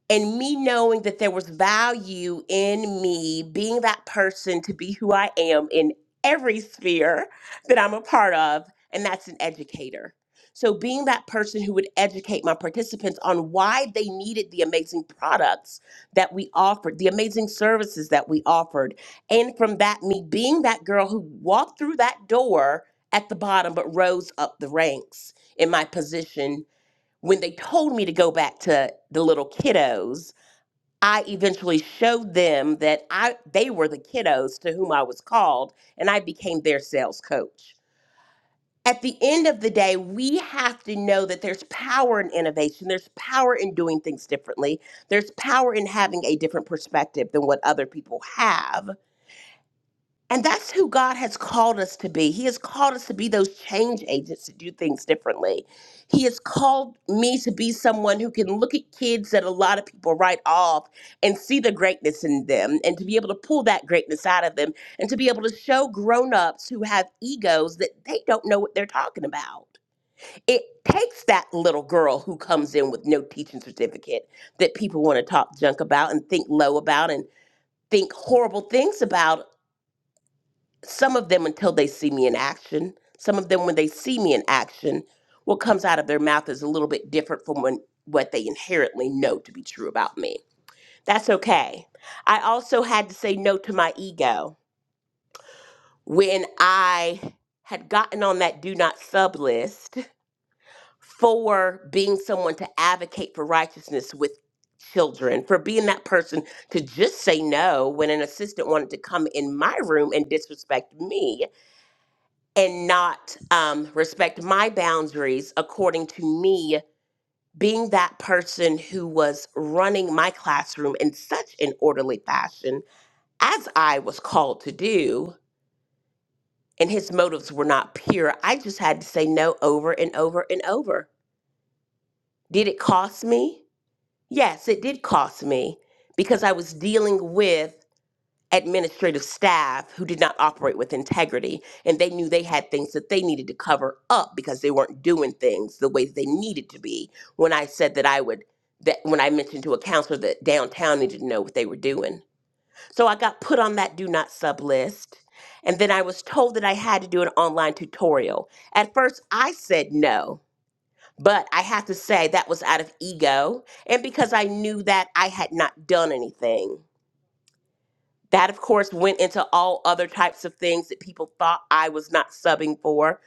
and me knowing that there was value in me being that person to be who I am in every sphere that I'm a part of, and that's an educator. So, being that person who would educate my participants on why they needed the amazing products that we offered, the amazing services that we offered. And from that, me being that girl who walked through that door at the bottom but rose up the ranks in my position when they told me to go back to the little kiddos, I eventually showed them that I they were the kiddos to whom I was called and I became their sales coach. At the end of the day, we have to know that there's power in innovation. There's power in doing things differently. There's power in having a different perspective than what other people have and that's who God has called us to be. He has called us to be those change agents to do things differently. He has called me to be someone who can look at kids that a lot of people write off and see the greatness in them and to be able to pull that greatness out of them and to be able to show grown-ups who have egos that they don't know what they're talking about. It takes that little girl who comes in with no teaching certificate that people want to talk junk about and think low about and think horrible things about some of them until they see me in action some of them when they see me in action what comes out of their mouth is a little bit different from when, what they inherently know to be true about me that's okay i also had to say no to my ego when i had gotten on that do not sub list for being someone to advocate for righteousness with children for being that person to just say no when an assistant wanted to come in my room and disrespect me and not um, respect my boundaries according to me being that person who was running my classroom in such an orderly fashion as I was called to do. And his motives were not pure. I just had to say no over and over and over. Did it cost me? Yes, it did cost me because I was dealing with administrative staff who did not operate with integrity and they knew they had things that they needed to cover up because they weren't doing things the way they needed to be when i said that i would that when i mentioned to a counselor that downtown needed to know what they were doing so i got put on that do not sub list and then i was told that i had to do an online tutorial at first i said no but i have to say that was out of ego and because i knew that i had not done anything that, of course, went into all other types of things that people thought I was not subbing for,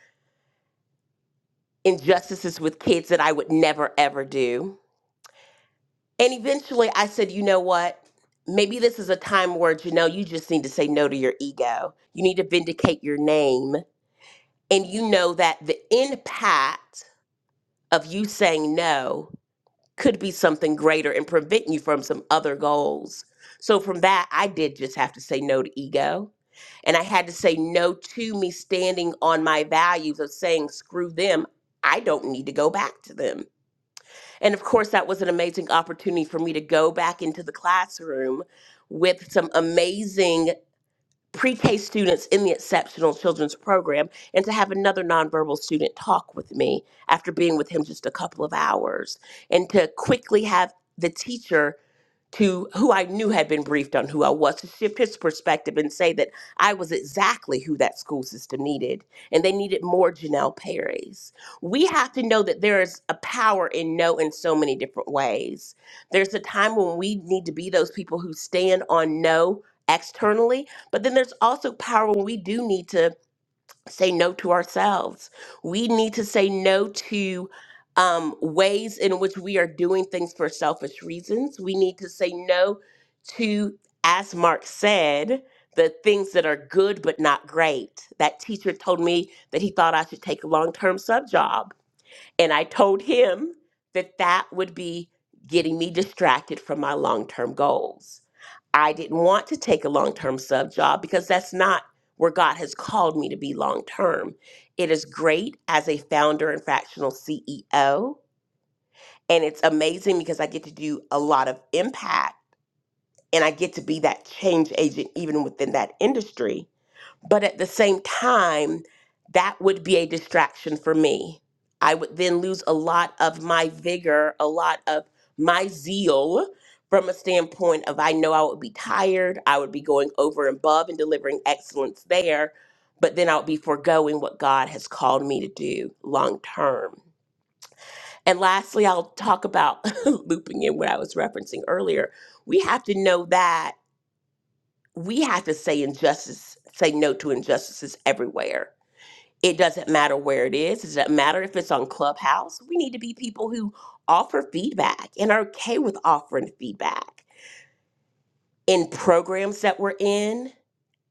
injustices with kids that I would never, ever do. And eventually I said, you know what? Maybe this is a time where, Janelle, you just need to say no to your ego. You need to vindicate your name. And you know that the impact of you saying no could be something greater and prevent you from some other goals. So, from that, I did just have to say no to ego. And I had to say no to me standing on my values of saying, screw them. I don't need to go back to them. And of course, that was an amazing opportunity for me to go back into the classroom with some amazing pre-K students in the Exceptional Children's Program and to have another nonverbal student talk with me after being with him just a couple of hours and to quickly have the teacher to who I knew had been briefed on who I was to shift his perspective and say that I was exactly who that school system needed and they needed more Janelle Perry's. We have to know that there is a power in no in so many different ways. There's a time when we need to be those people who stand on no externally, but then there's also power when we do need to say no to ourselves. We need to say no to um, ways in which we are doing things for selfish reasons. We need to say no to, as Mark said, the things that are good but not great. That teacher told me that he thought I should take a long term sub job. And I told him that that would be getting me distracted from my long term goals. I didn't want to take a long term sub job because that's not where God has called me to be long term. It is great as a founder and fractional CEO. And it's amazing because I get to do a lot of impact and I get to be that change agent even within that industry but at the same time, that would be a distraction for me. I would then lose a lot of my vigor, a lot of my zeal from a standpoint of I know I would be tired, I would be going over and above and delivering excellence there, but then I would be foregoing what God has called me to do long term. And lastly, I'll talk about looping in what I was referencing earlier. We have to know that we have to say injustice, say no to injustices everywhere it doesn't matter where it is. It doesn't matter if it's on Clubhouse. We need to be people who offer feedback and are okay with offering feedback in programs that we're in.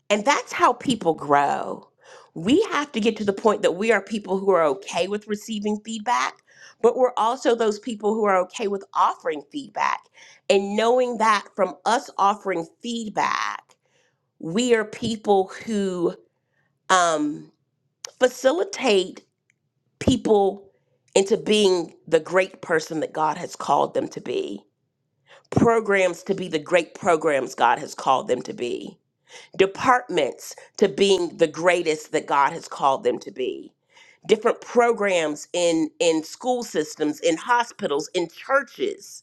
And that's how people grow. We have to get to the point that we are people who are okay with receiving feedback, but we're also those people who are okay with offering feedback and knowing that from us offering feedback, we are people who um, facilitate people into being the great person that God has called them to be, programs to be the great programs God has called them to be, departments to being the greatest that God has called them to be different programs in in school systems in hospitals in churches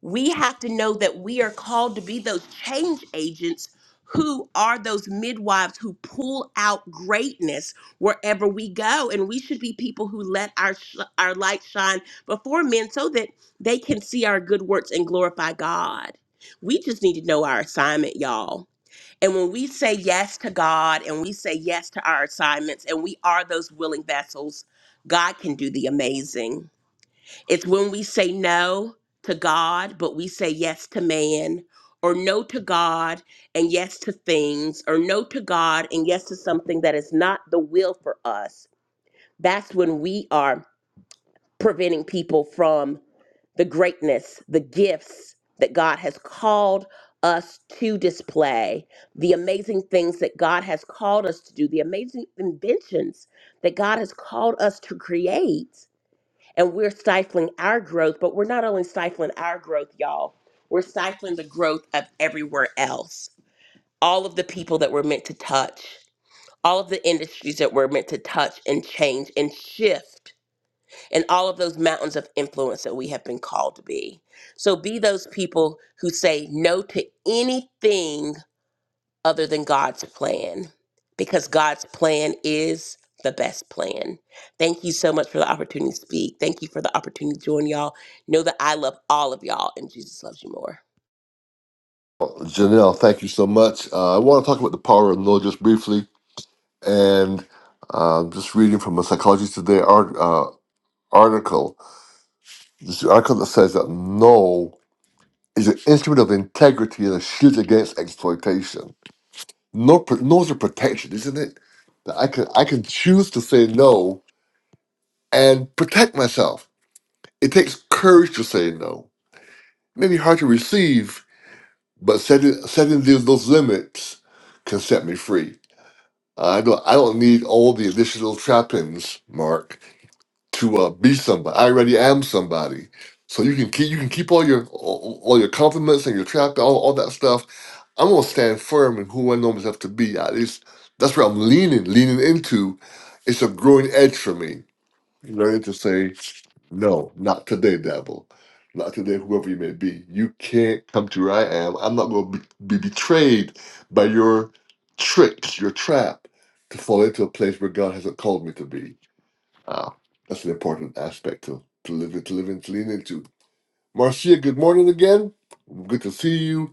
we have to know that we are called to be those change agents who are those midwives who pull out greatness wherever we go and we should be people who let our sh- our light shine before men so that they can see our good works and glorify God. We just need to know our assignment, y'all. And when we say yes to God and we say yes to our assignments and we are those willing vessels, God can do the amazing. It's when we say no to God, but we say yes to man, or no to God and yes to things, or no to God and yes to something that is not the will for us. That's when we are preventing people from the greatness, the gifts that God has called us to display, the amazing things that God has called us to do, the amazing inventions that God has called us to create and we're stifling our growth but we're not only stifling our growth y'all we're stifling the growth of everywhere else all of the people that we're meant to touch all of the industries that we're meant to touch and change and shift and all of those mountains of influence that we have been called to be so be those people who say no to anything other than God's plan because God's plan is the best plan. Thank you so much for the opportunity to speak. Thank you for the opportunity to join y'all. Know that I love all of y'all and Jesus loves you more.
Well, Janelle, thank you so much. Uh, I want to talk about the power of no just briefly. And uh, just reading from a Psychology Today art, uh, article This article that says that no is an instrument of integrity and a shield against exploitation. No, pr- no is a protection, isn't it? That I can I can choose to say no and protect myself. It takes courage to say no. It may be hard to receive, but setting setting these, those limits can set me free. I don't I don't need all the additional trappings, Mark. to uh, be somebody. I already am somebody. So you can keep you can keep all your all, all your compliments and your trap all, all that stuff. I'm gonna stand firm in who I know myself to be. At least that's where I'm leaning leaning into. It's a growing edge for me. Learning to say no, not today, devil. Not today, whoever you may be. You can't come to where I am. I'm not gonna be, be betrayed by your tricks, your trap, to fall into a place where God hasn't called me to be. Uh, that's an important aspect to, to live to live and to lean into. Marcia, good morning again. Good to see you.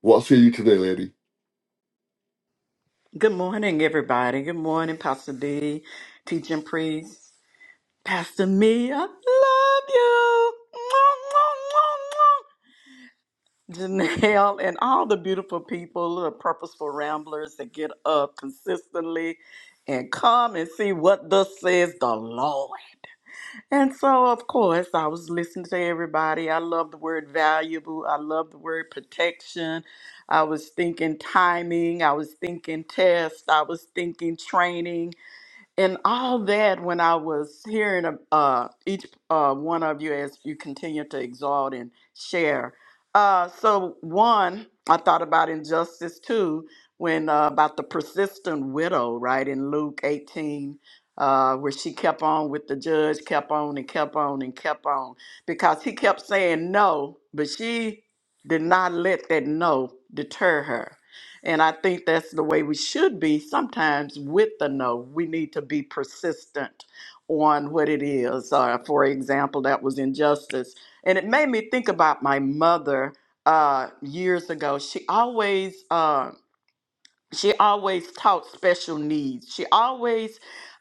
What see you today, lady?
Good morning, everybody. Good morning, Pastor D, teaching priest, Pastor Me. I love you. Mwah, mwah, mwah, mwah. Janelle and all the beautiful people, the purposeful ramblers that get up consistently and come and see what thus says the Lord. And so, of course, I was listening to everybody. I love the word valuable. I love the word protection. I was thinking timing. I was thinking test. I was thinking training and all that when I was hearing uh, each uh, one of you as you continue to exalt and share. Uh, so one, I thought about injustice too, when uh, about the persistent widow, right in Luke 18, uh, where she kept on with the judge, kept on and kept on and kept on because he kept saying no, but she did not let that no deter her and I think that's the way we should be sometimes with the no. We need to be persistent on what it is. Uh, for example, that was injustice. And it made me think about my mother uh, years ago. She always. uh, she always taught special needs. She always,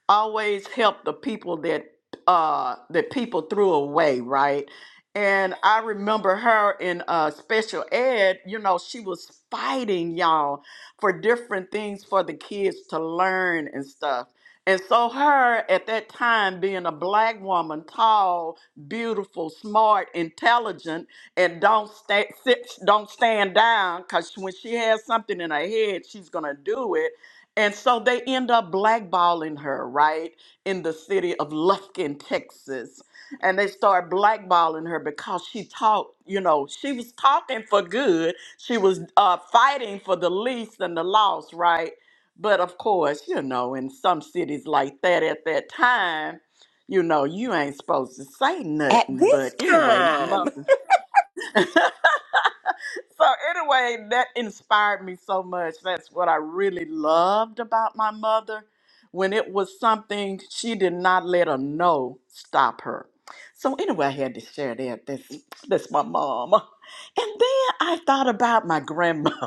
always helped the people that uh that people threw away, right? And I remember her in uh special ed, you know, she was fighting y'all for different things for the kids to learn and stuff. And so her at that time being a black woman, tall, beautiful, smart, intelligent, and don't sta sit, don't stand down because when she has something in her head, she's gonna do it. And so they end up blackballing her, right, in the city of Lufkin, Texas. And they start blackballing her because she talked, you know, she was talking for good. She was uh, fighting for the least and the lost, right? But of course, you know, in some cities like that at that time, you know, you ain't supposed to say
at
nothing. But
this
anyway, my
time.
mother so anyway, that inspired me so much. That's what I really loved about my mother. When it was something she did not let a no stop her. So anyway, I had to share that. That's that's my mom. And then I thought about my grandmother.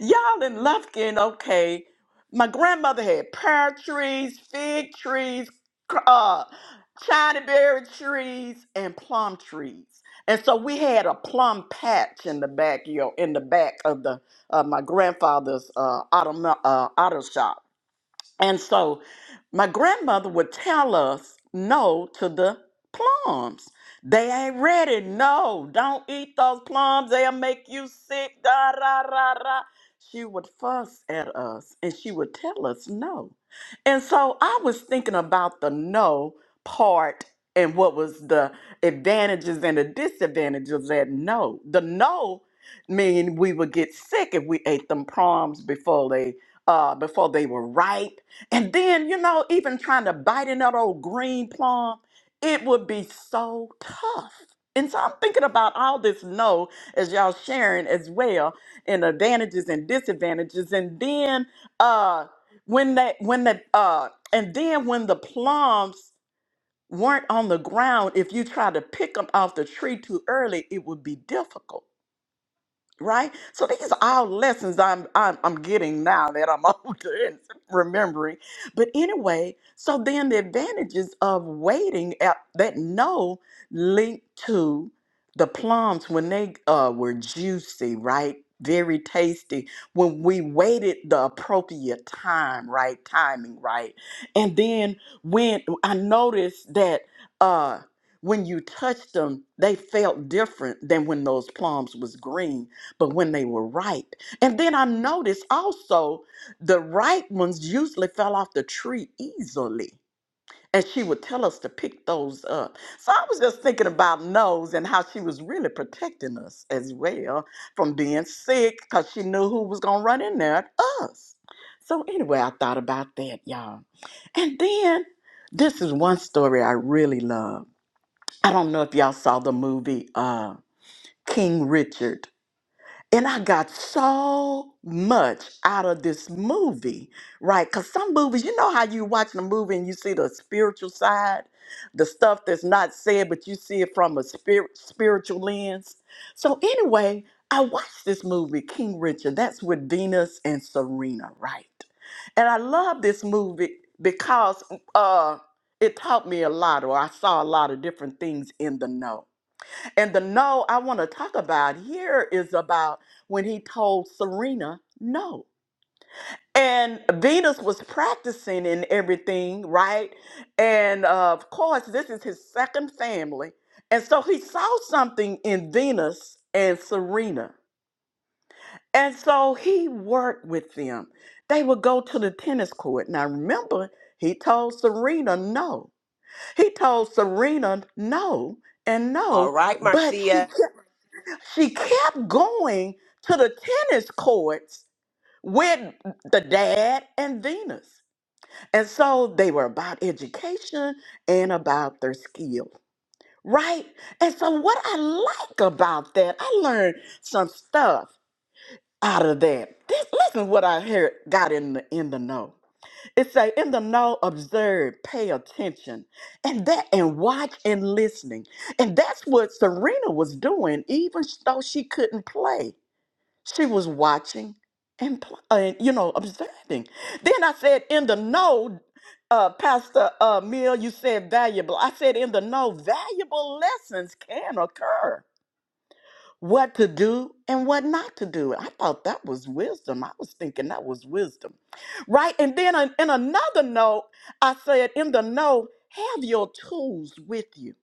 Y'all in Lufkin, okay. My grandmother had pear trees, fig trees, cr- uh, China berry trees, and plum trees. And so we had a plum patch in the backyard, in the back of the uh, my grandfather's uh, auto, uh, auto shop. And so my grandmother would tell us no to the plums. They ain't ready. No, don't eat those plums. They'll make you sick. Da, ra, ra, ra. She would fuss at us and she would tell us no. And so I was thinking about the no part and what was the advantages and the disadvantages of that no. The no mean we would get sick if we ate them plums before they uh before they were ripe and then, you know, even trying to bite in that old green plum, it would be so tough. And so I'm thinking about all this no as y'all sharing as well, and advantages and disadvantages. And then uh when that when the uh and then when the plums weren't on the ground, if you try to pick them off the tree too early, it would be difficult right? So these are all lessons I'm I'm, I'm getting now that I'm older and remembering. But anyway, so then the advantages of waiting at that no link to the plums when they uh, were juicy, right? Very tasty when we waited the appropriate time, right? Timing, right? And then when I noticed that uh when you touched them, they felt different than when those plums was green but when they were ripe. And then I noticed also the ripe ones usually fell off the tree easily. And she would tell us to pick those up. So I was just thinking about Nose and how she was really protecting us as well from being sick because she knew who was going to run in there at us. So anyway, I thought about that, y'all. And then this is one story I really love. I don't know if y'all saw the movie uh, King Richard and I got so much out of this movie, right? Because some movies, you know how you watch a movie and you see the spiritual side, the stuff that's not said, but you see it from a spirit, spiritual lens. So, anyway, I watched this movie, King Richard. That's with Venus and Serena, right? And I love this movie because uh, it taught me a lot, or I saw a lot of different things in the know. And the no I want to talk about here is about when he told Serena no. And Venus was practicing and everything, right? And uh, of course, this is his second family. And so he saw something in Venus and Serena. And so he worked with them. They would go to the tennis court. Now, remember, he told Serena no. He told Serena no and
All
no,
right,
but she
Marcia.
she kept going to the tennis courts with the dad and Venus. And so they were about education and about their skill, right? And so what I like about that, I learned some stuff out of that. This, listen what I heard got in the in the know. It say in the know, observe, pay attention, and that and watch and listening. And that's what Serena was doing, even though she couldn't play. She was watching and, pl- and you know, observing. Then I said, in the know, uh, Pastor uh, Mill, you said valuable. I said, in the know, valuable lessons can occur what to do and what not to do. I thought that was wisdom. I was thinking that was wisdom. Right? And then in in another note, I said, in the note, have your tools with you.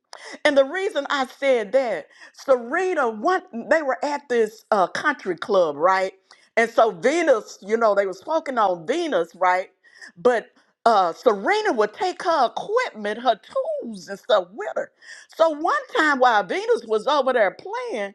And the reason I said that, Serena, one, they were at this uh, country club, right? And so Venus, you know, they were smoking on Venus, right? But uh, Serena would take her equipment, her tools and stuff with her. So one time while Venus was over there playing,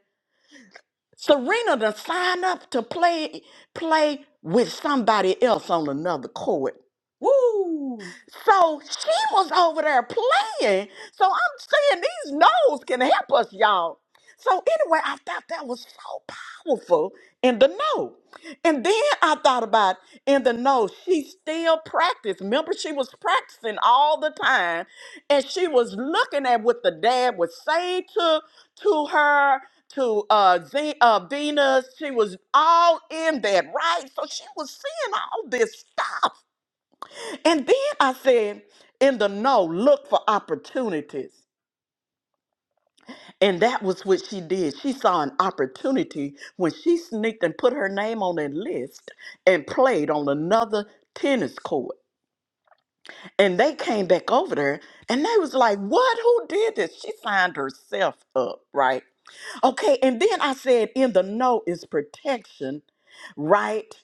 Serena to sign up to play play with somebody else on another court.
Woo!
So she was over there playing. So I'm saying these no's can help us, y'all. So anyway, I thought that was so powerful in the no. And then I thought about in the no, she still practiced. Remember, she was practicing all the time. And she was looking at what the dad would say to, to her, to uh, Ze- uh, Venus. She was all in that, right? So she was seeing all this stuff. And then I said, in the no, look for opportunities. And that was what she did. She saw an opportunity when she sneaked and put her name on that list and played on another tennis court. And they came back over there and they was like, What? Who did this? She signed herself up, right? Okay. And then I said, In the no is protection, right?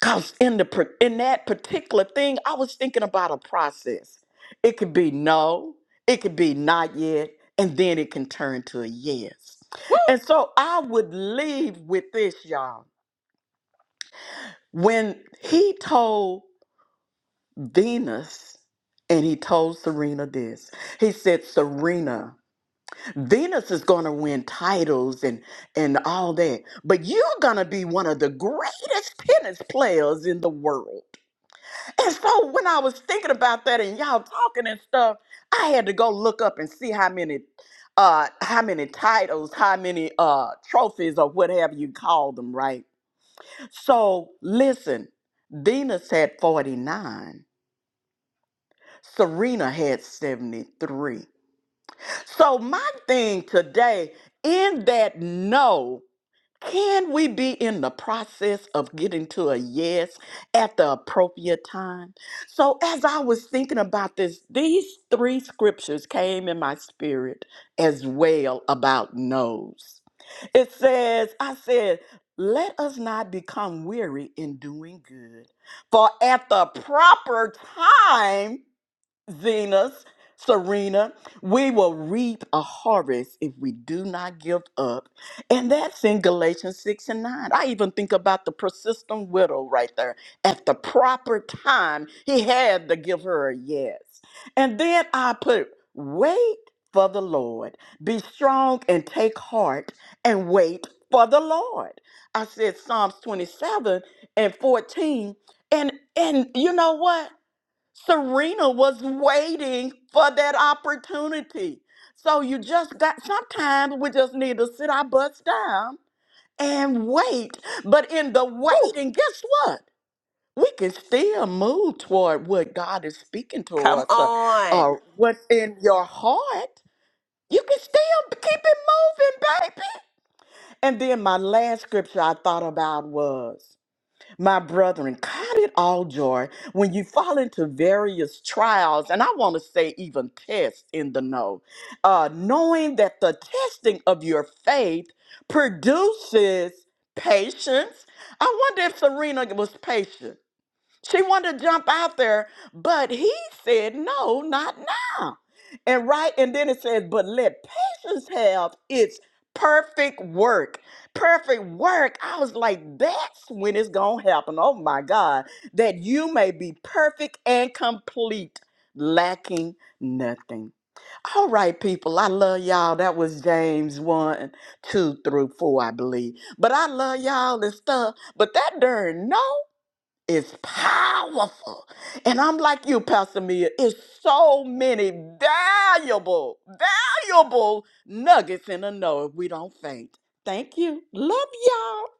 Cause in the par- in that particular thing, I was thinking about a process. It could be no, it could be not yet, and then it can turn to a yes.
Woo!
And so I would leave with this, y'all. When he told Venus and he told Serena this, he said, Serena, Venus is gonna win titles and and all that, but you're gonna be one of the greatest tennis players in the world. And so when I was thinking about that and y'all talking and stuff, I had to go look up and see how many uh how many titles, how many uh trophies or whatever you call them, right? So listen, Venus had 49. Serena had 73. So my thing today in that no. Can we be in the process of getting to a yes at the appropriate time? So, as I was thinking about this, these three scriptures came in my spirit as well about no's. It says, I said, let us not become weary in doing good, for at the proper time, Zenas, Serena, we will reap a harvest if we do not give up. And that's in Galatians 6 and 9. I even think about the persistent widow right there. At the proper time, he had to give her a yes. And then I put, wait for the Lord. Be strong and take heart and wait for the Lord. I said Psalms 27 and 14. And and you know what? Serena was waiting for that opportunity. So you just got, sometimes we just need to sit our butts down and wait. But in the
Woo!
waiting, guess what? We can still move toward what God is speaking to
Come
us or,
on.
or what's in your heart. You can still keep it moving, baby. And then my last scripture I thought about was my brethren, count it all joy when you fall into various trials, and I want to say even tests in the know, uh, knowing that the testing of your faith produces patience. I wonder if Serena was patient. She wanted to jump out there, but he said, No, not now. And right, and then it says, But let patience have its perfect work. Perfect work. I was like, That's when it's going to happen. Oh my God. That you may be perfect and complete, lacking nothing. All right, people. I love y'all. That was James 1, 2 through 4, I believe. But I love y'all and stuff. But that darn no is powerful. And I'm like you, Pastor Mia, it's so many valuable, valuable nuggets in a know if we don't faint. Thank you. Love y'all.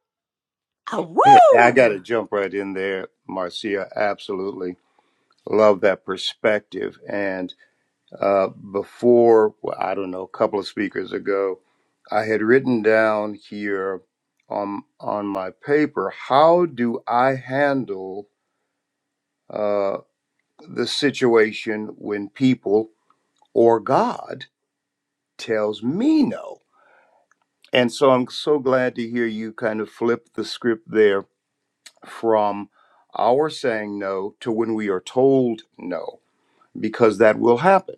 Ah,
Hey, I got
woo!
to jump right in there, Marcia. Absolutely love that perspective. and. Uh, before, well, I don't know, a couple of speakers ago, I had written down here on on my paper, how do I handle uh, the situation when people or God tells me no? And so I'm so glad to hear you kind of flip the script there from our saying no to when we are told no, because that will happen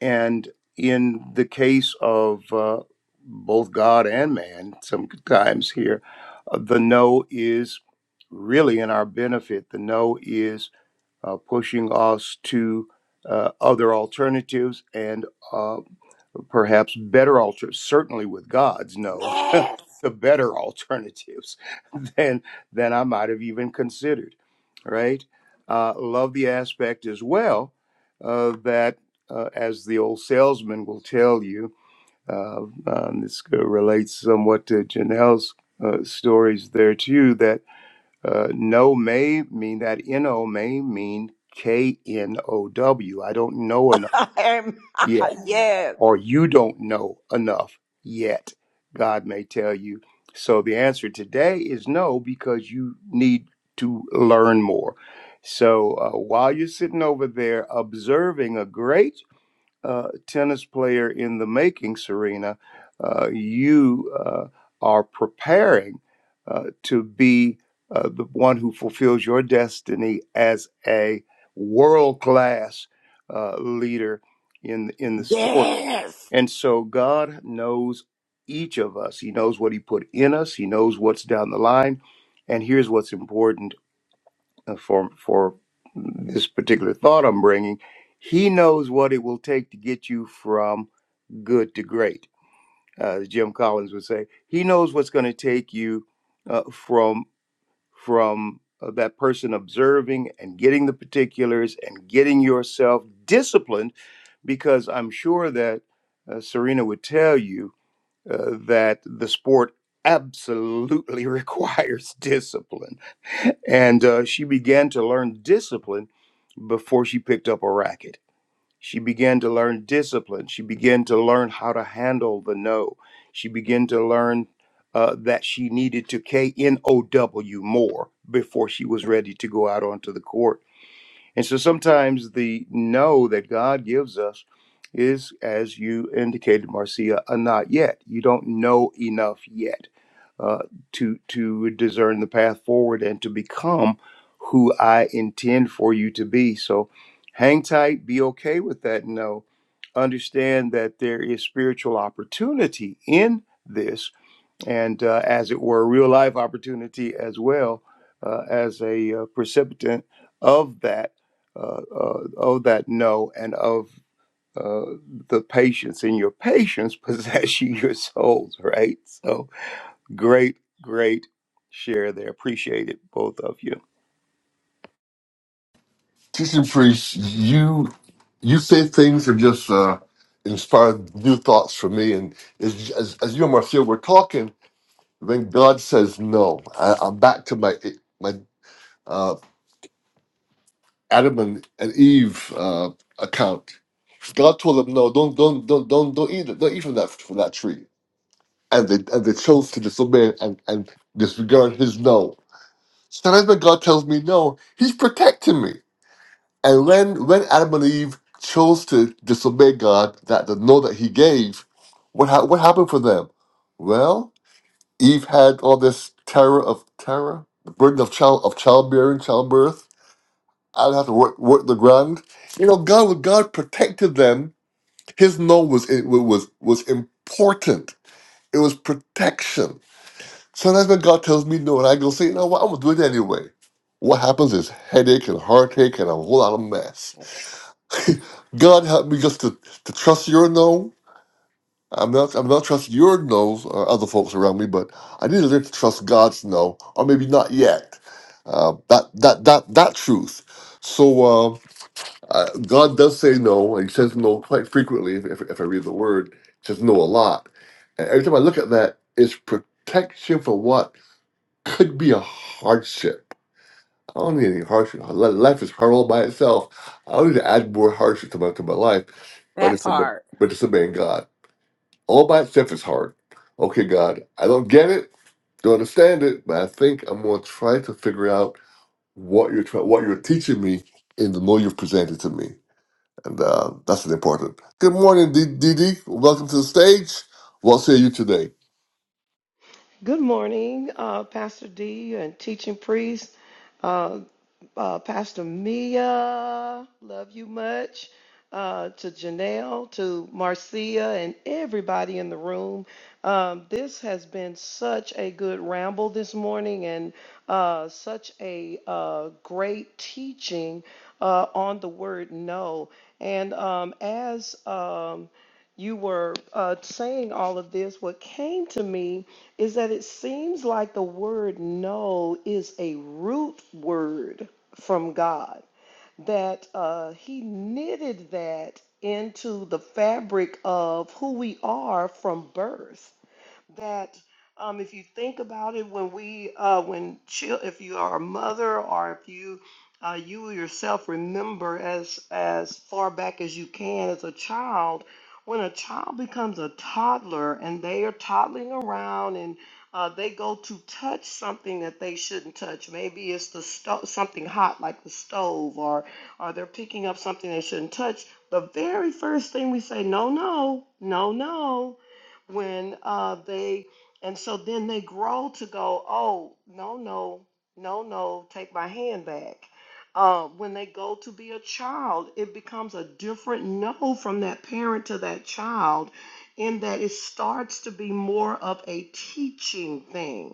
And in the case of uh, both God and man, sometimes here, uh, the no is really in our benefit. The no is uh, pushing us to uh, other alternatives and uh, perhaps better alternatives, certainly with God's no,
Yes.
to better alternatives than than I might have even considered. Right? Uh, love the aspect as well uh, that, uh, as the old salesman will tell you, uh, um, this relates somewhat to Janelle's uh, stories there too. That uh, no may mean that no may mean k n o w. I don't know enough.
Amen.
Yeah
yes.
or you don't know enough yet, God may tell you. So the answer today is no, because you need to learn more. So uh, while you're sitting over there observing a great uh, tennis player in the making, Serena, uh, you uh, are preparing uh, to be uh, the one who fulfills your destiny as a world class uh, leader in in the sport.
Yes.
And so God knows each of us. He knows what He put in us. He knows what's down the line. And here's what's important uh, for for this particular thought I'm bringing. He knows what it will take to get you from good to great. Uh, as Jim Collins would say, he knows what's going to take you uh, from from uh, that person observing and getting the particulars and getting yourself disciplined. Because I'm sure that uh, Serena would tell you uh, that the sport absolutely requires discipline. And uh, she began to learn discipline before she picked up a racket. She began to learn discipline. She began to learn how to handle the no. She began to learn uh, that she needed to K N O W more before she was ready to go out onto the court and so sometimes the no that God gives us is, as you indicated, Marcia, a not yet. You don't know enough yet uh, to to discern the path forward and to become who I intend for you to be. So hang tight, be okay with that no. Understand that there is spiritual opportunity in this and uh, as it were, real life opportunity as well uh, as a uh, precipitant of that uh, uh, of that no and of uh, the patience and your patience possess you your souls, right? So great, great share there. Appreciate it, both of you.
Teaching priest, you you say things that just uh, inspire new thoughts for me. And as, as, as you and Marcia were talking, when God says no, I, I'm back to my my uh, Adam and, and Eve uh, account. God told them, "No, don't, don't, don't, don't, don't eat, it. don't eat from that from that tree." and they and they chose to disobey and, and disregard his no. Sometimes when God tells me no, He's protecting me. And when when Adam and Eve chose to disobey God, that the no that He gave, what ha- what happened for them? Well, Eve had all this terror of terror, the burden of child of childbearing, childbirth. I'd have to work work the ground. You know, God God protected them. His no was it was was important. It was protection Sometimes when God tells me no, and I go say, you know what, I'm gonna do it anyway. What happens is headache and heartache and a whole lot of mess. God help me just to, to trust your no. I'm not I'm not trust your no's or other folks around me, but I need to learn to trust God's no, or maybe not yet. Uh, that that that that truth. So uh, uh, God does say no, and He says no quite frequently. If, if, if I read the Word, it says no a lot. And every time I look at that, it's protection for what could be a hardship. I don't need any hardship. Li- Life is hard all by itself. I don't need to add more hardship to my to my life. But
That
it's obe-
part.
but it's obeying God. All by itself is hard. Okay, God, I don't get it, don't understand it, but I think I'm gonna try to figure out what you're try, what you're teaching me in the role you've presented to me, and uh, that's an important. Good morning, D- DD. Welcome to the stage. We'll see you today.
Good morning, uh, Pastor D and teaching priest, uh, uh, Pastor Mia. Love you much. Uh, to Janelle, to Marcia, and everybody in the room. Um, this has been such a good ramble this morning and uh, such a uh, great teaching uh, on the word no. And um, as um, you were uh, saying all of this, what came to me is that it seems like the word "know" is a root word from God, that uh, He knitted that into the fabric of who we are from birth that um, if you think about it, when we, uh, when chil- if you are a mother or if you, uh, you yourself remember as as far back as you can as a child, when a child becomes a toddler and they are toddling around and uh, they go to touch something that they shouldn't touch. Maybe it's the sto- something hot like the stove, or or they're picking up something they shouldn't touch. The very first thing we say, no, no, no, no when uh, they and so then they grow to go oh no no no no take my hand back uh, when they go to be a child it becomes a different no from that parent to that child in that it starts to be more of a teaching thing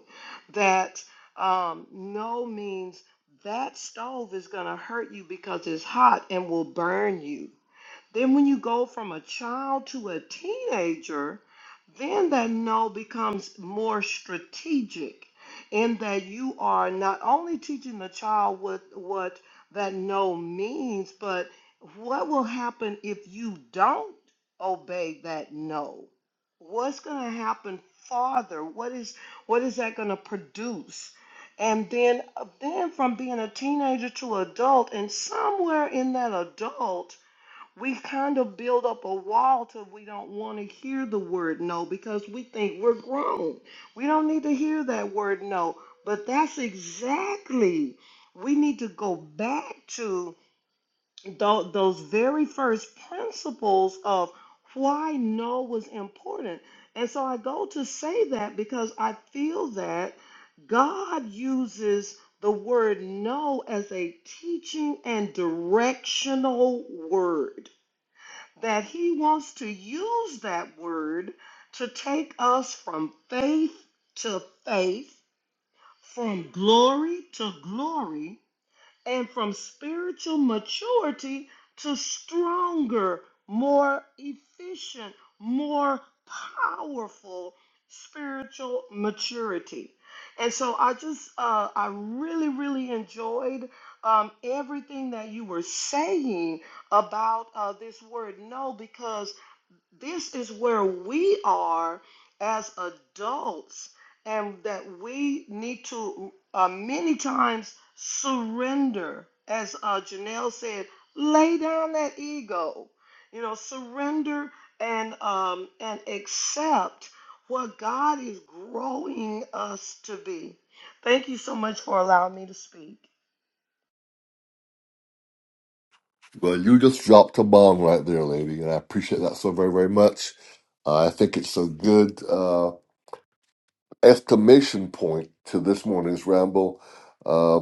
that um, no means that stove is going to hurt you because it's hot and will burn you then when you go from a child to a teenager, then that no becomes more strategic in that you are not only teaching the child what what that no means, but what will happen if you don't obey that no? What's going to happen farther? What is what is that going to produce? And then uh, then from being a teenager to adult and somewhere in that adult we kind of build up a wall till we don't want to hear the word no because we think we're grown. We don't need to hear that word no. But that's exactly, we need to go back to tho- those very first principles of why no was important. And so I go to say that because I feel that God uses the word no as a teaching and directional word that he wants to use that word to take us from faith to faith, from glory to glory, and from spiritual maturity to stronger, more efficient, more powerful spiritual maturity. And so I just, uh, I really, really enjoyed um, everything that you were saying about uh, this word no because this is where we are as adults and that we need to uh, many times surrender as uh, janelle said lay down that ego you know surrender and um, and accept what god is growing us to be thank you so much for allowing me to speak
Well, you just dropped a bomb right there, lady, and I appreciate that so very, very much. Uh, I think it's a good uh, estimation point to this morning's ramble. Uh,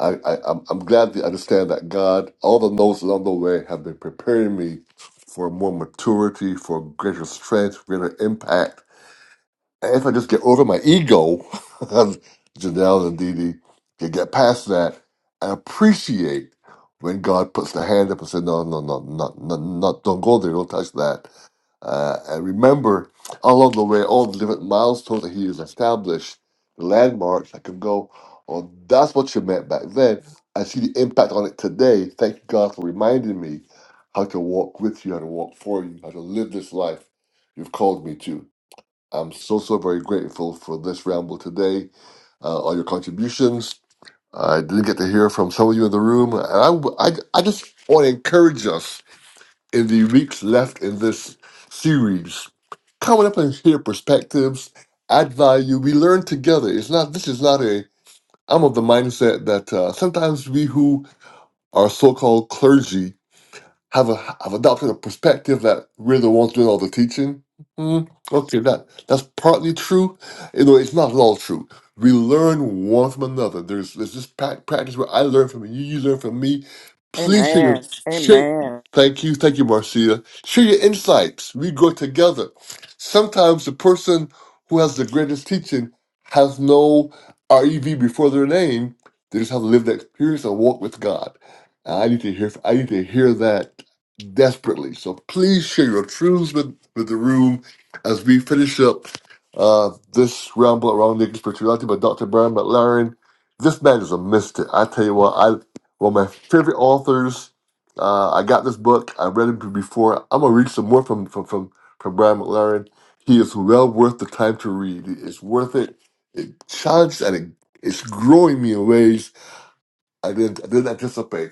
I, I, I'm I'm glad to understand that God, all the notes along the way, have been preparing me for more maturity, for greater strength, greater impact if I just get over my ego, Janelle and Dee Dee, can get past that and appreciate when God puts the hand up and says, no, no, no, no, no, no don't go there, don't touch that. Uh, and remember, along the way, all the different milestones that He has established, the landmarks, I can go, oh, that's what you meant back then. I see the impact on it today. Thank you, God, for reminding me how to walk with you, how to walk for you, how to live this life you've called me to. I'm so, so very grateful for this ramble today, uh, all your contributions. I didn't get to hear from some of you in the room. And I, w- I, I just want to encourage us in the weeks left in this series. Coming up and share perspectives, add value. We learn together. It's not, this is not a, I'm of the mindset that uh, sometimes we who are so called clergy have a have adopted a perspective that we're the ones doing all the teaching. Mm, okay, that that's partly true. You know, it's not at all true. We learn one from another. There's there's this prac- practice where I learn from you, you learn from me. Please share your
Amen.
share.
Amen.
Thank you, thank you, Marcia. Share your insights. We grow together. Sometimes the person who has the greatest teaching has no R E V before their name. They just have lived that experience and walk with God. I need to hear. I need to hear that desperately. So please share your truths with, with the room as we finish up uh, this ramble around naked spirituality by Dr. Brian McLaren. This man is a mystic. I tell you what, I one of my favorite authors. Uh, I got this book. I read it before. I'm gonna read some more from from from, from Brian McLaren. He is well worth the time to read. It's worth it. It challenged and it, it's growing me in ways I didn't I didn't anticipate.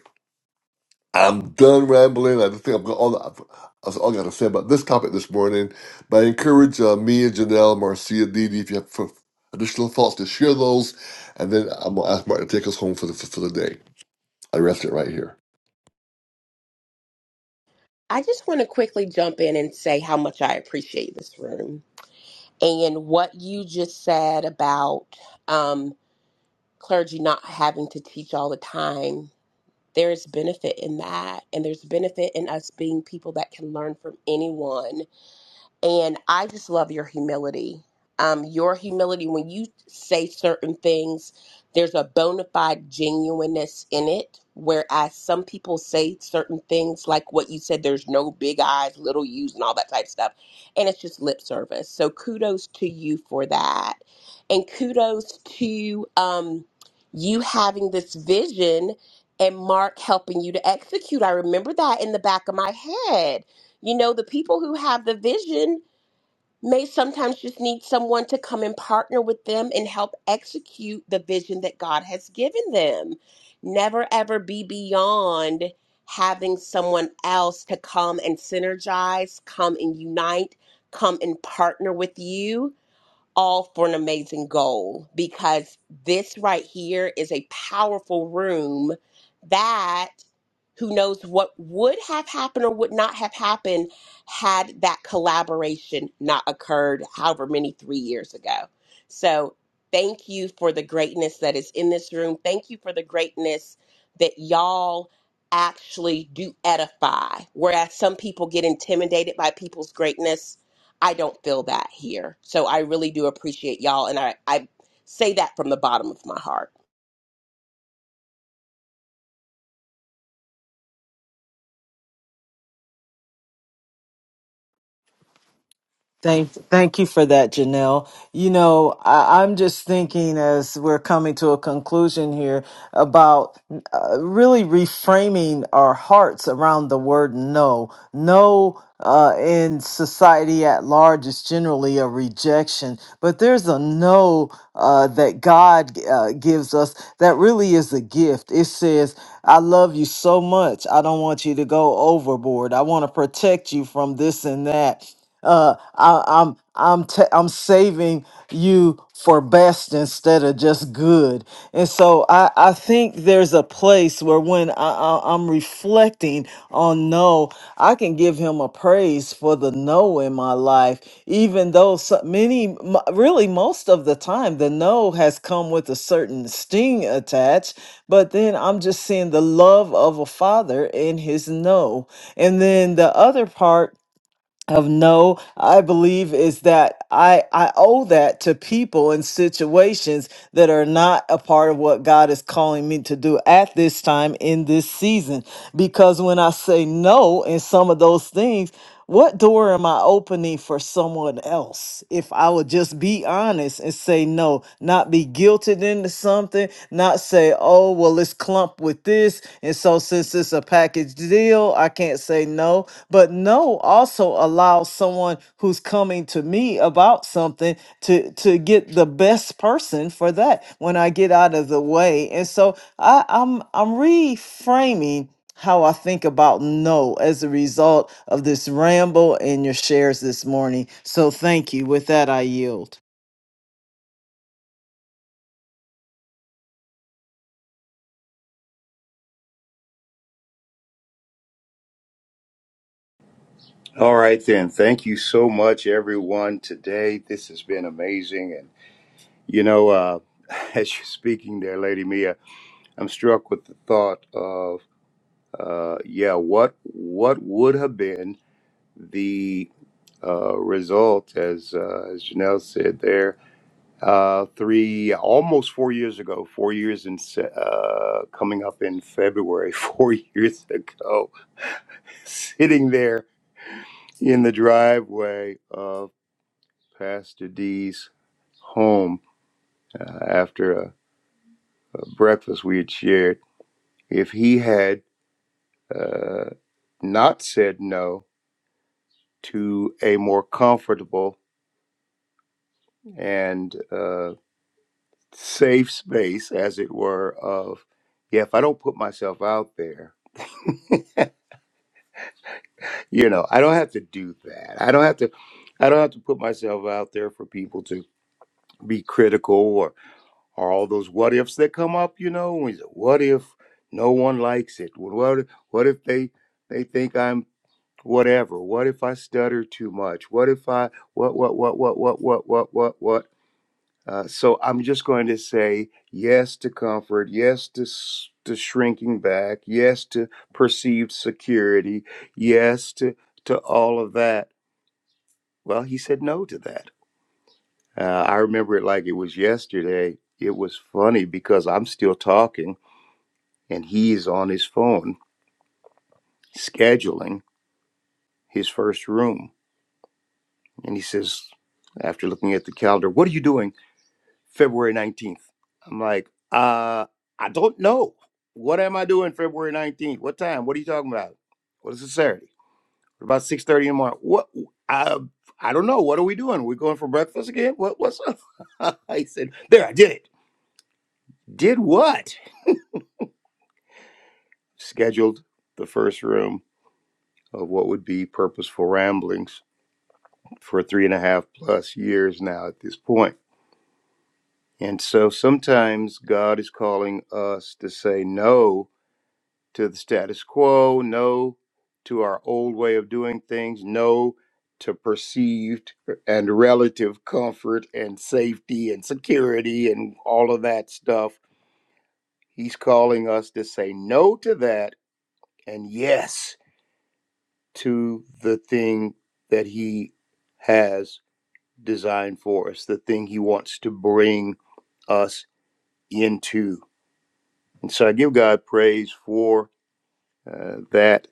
I'm done rambling. I just think I've got all the, that's all I got to say about this topic this morning. But I encourage uh, me and Janelle, Marcia, Dee Dee, if you have f additional thoughts, to share those. And then I'm going to ask Martin to take us home for the, for the day. I rest it right here.
I just want to quickly jump in and say how much I appreciate this room and what you just said about um, clergy not having to teach all the time. There is benefit in that, and there's benefit in us being people that can learn from anyone and I just love your humility. Um, your humility when you say certain things, there's a bona fide genuineness in it. Whereas some people say certain things like what you said, there's no big eyes, little U's, and all that type of stuff, and it's just lip service. So kudos to you for that, and kudos to um, you having this vision and Mark helping you to execute. I remember that in the back of my head you know the people who have the vision may sometimes just need someone to come and partner with them and help execute the vision that God has given them. Never ever be beyond having someone else to come and synergize, come and unite, come and partner with you all for an amazing goal because this right here is a powerful room that who knows what would have happened or would not have happened had that collaboration not occurred however many 3 years ago. So, thank you for the greatness that is in this room. Thank you for the greatness that y'all actually do edify. Whereas some people get intimidated by people's greatness, I don't feel that here. So I really do appreciate y'all. And I, I say that from the bottom of my heart.
Thank, thank you for that, Janelle. You know, I, I'm just thinking as we're coming to a conclusion here about uh, really reframing our hearts around the word no. No uh, in society at large is generally a rejection, but there's a no uh, that God uh, gives us that really is a gift. It says, I love you so much. I don't want you to go overboard. I want to protect you from this and that. Uh, I, I'm I'm t- I'm saving you for best instead of just good. And so I, I think there's a place where when I, I, I'm reflecting on no, I can give him a praise for the no in my life, even though so many, m- really most of the time, the no has come with a certain sting attached. But then I'm just seeing the love of a father in his no. And then the other part of no i believe is that i i owe that to people and situations that are not a part of what god is calling me to do at this time in this season because when i say no in some of those things what door am i opening for someone else if i would just be honest honest and say no, not be guilted into something, not say, oh, well, it's clumped with this. And so, since it's a package deal, I can't say no. But no also allows someone who's coming to me about something to, to get the best person for that when I get out of the way. And so, I, I'm, I'm reframing how I think about no as a result of this ramble and your shares this morning. So thank you. With that, I yield.
All right, then. Thank you so much, everyone. Today, this has been amazing, and you know, uh, as you're speaking there, Lady Mia, I'm struck with the thought of. uh, yeah, what what would have been the uh, result, as uh, as Janelle said there, uh, three almost four years ago, four years in se- uh, coming up in February, four years ago, sitting there in the driveway of Pastor D's home uh, after a, a breakfast we had shared, if he had uh, not said no to a more comfortable and uh, safe space, as it were, of, yeah, if I don't put myself out there, you know, I don't have to do that. I don't have to. I don't have to put myself out there for people to be critical or, or all those what ifs that come up, you know. when you say, What if no one likes it? What what if they they think I'm whatever? What if I stutter too much? What if I what what what what what what what what what? Uh, so I'm just going to say yes to comfort, yes to, s- to shrinking back, yes to perceived security, yes to, to all of that. Well, he said no to that. Uh, I remember it like it was yesterday. It was funny because I'm still talking and he's on his phone scheduling his first room. And he says, after looking at the calendar, What are you doing? February 19th. I'm like, uh, I don't know. What am I doing February 19th? What time? What are you talking about? What is it Saturday? What about 6:30 in the morning? What I I don't know. What are we doing? we going for breakfast again? What what's up? I said, there, I did it. Did what? Scheduled the first room of what would be purposeful ramblings for three and a half plus years now at this point. And so sometimes God is calling us to say no to the status quo, no to our old way of doing things, no to perceived uh, and relative comfort and safety and security and all of that stuff. He's calling us to say no to that and yes to the thing that he has designed for us, the thing he wants to bring us into. And so I give God praise for uh, that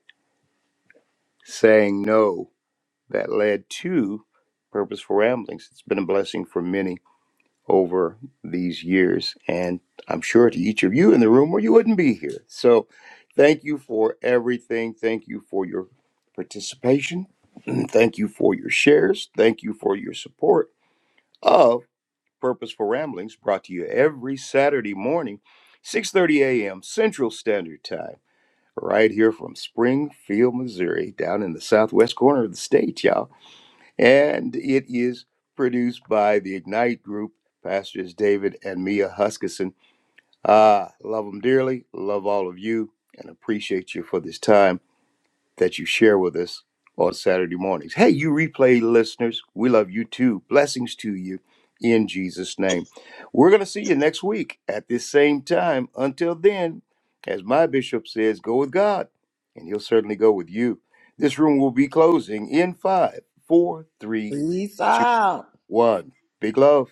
saying no that led to Purposeful Ramblings. It's been a blessing for many over these years, and I'm sure to each of you in the room, or you wouldn't be here. So, thank you for everything. Thank you for your participation. thank you for your shares. Thank you for your support of Purposeful Ramblings, brought to you every Saturday morning, 6:30 a.m. Central Standard Time. Right here from Springfield, Missouri, down in the southwest corner of the state, y'all and it is produced by the Ignite Group, Pastors David and Mia Huskisson. Ah, love them dearly, love all of you, and appreciate you for this time that you share with us on Saturday mornings. Hey, you replay listeners, we love you too. Blessings to you in Jesus' name. We're going to see you next week at this same time. Until then, as my bishop says, go with God, and he'll certainly go with you. This room will be closing in five, four, three,
Peace out.
one. Big love.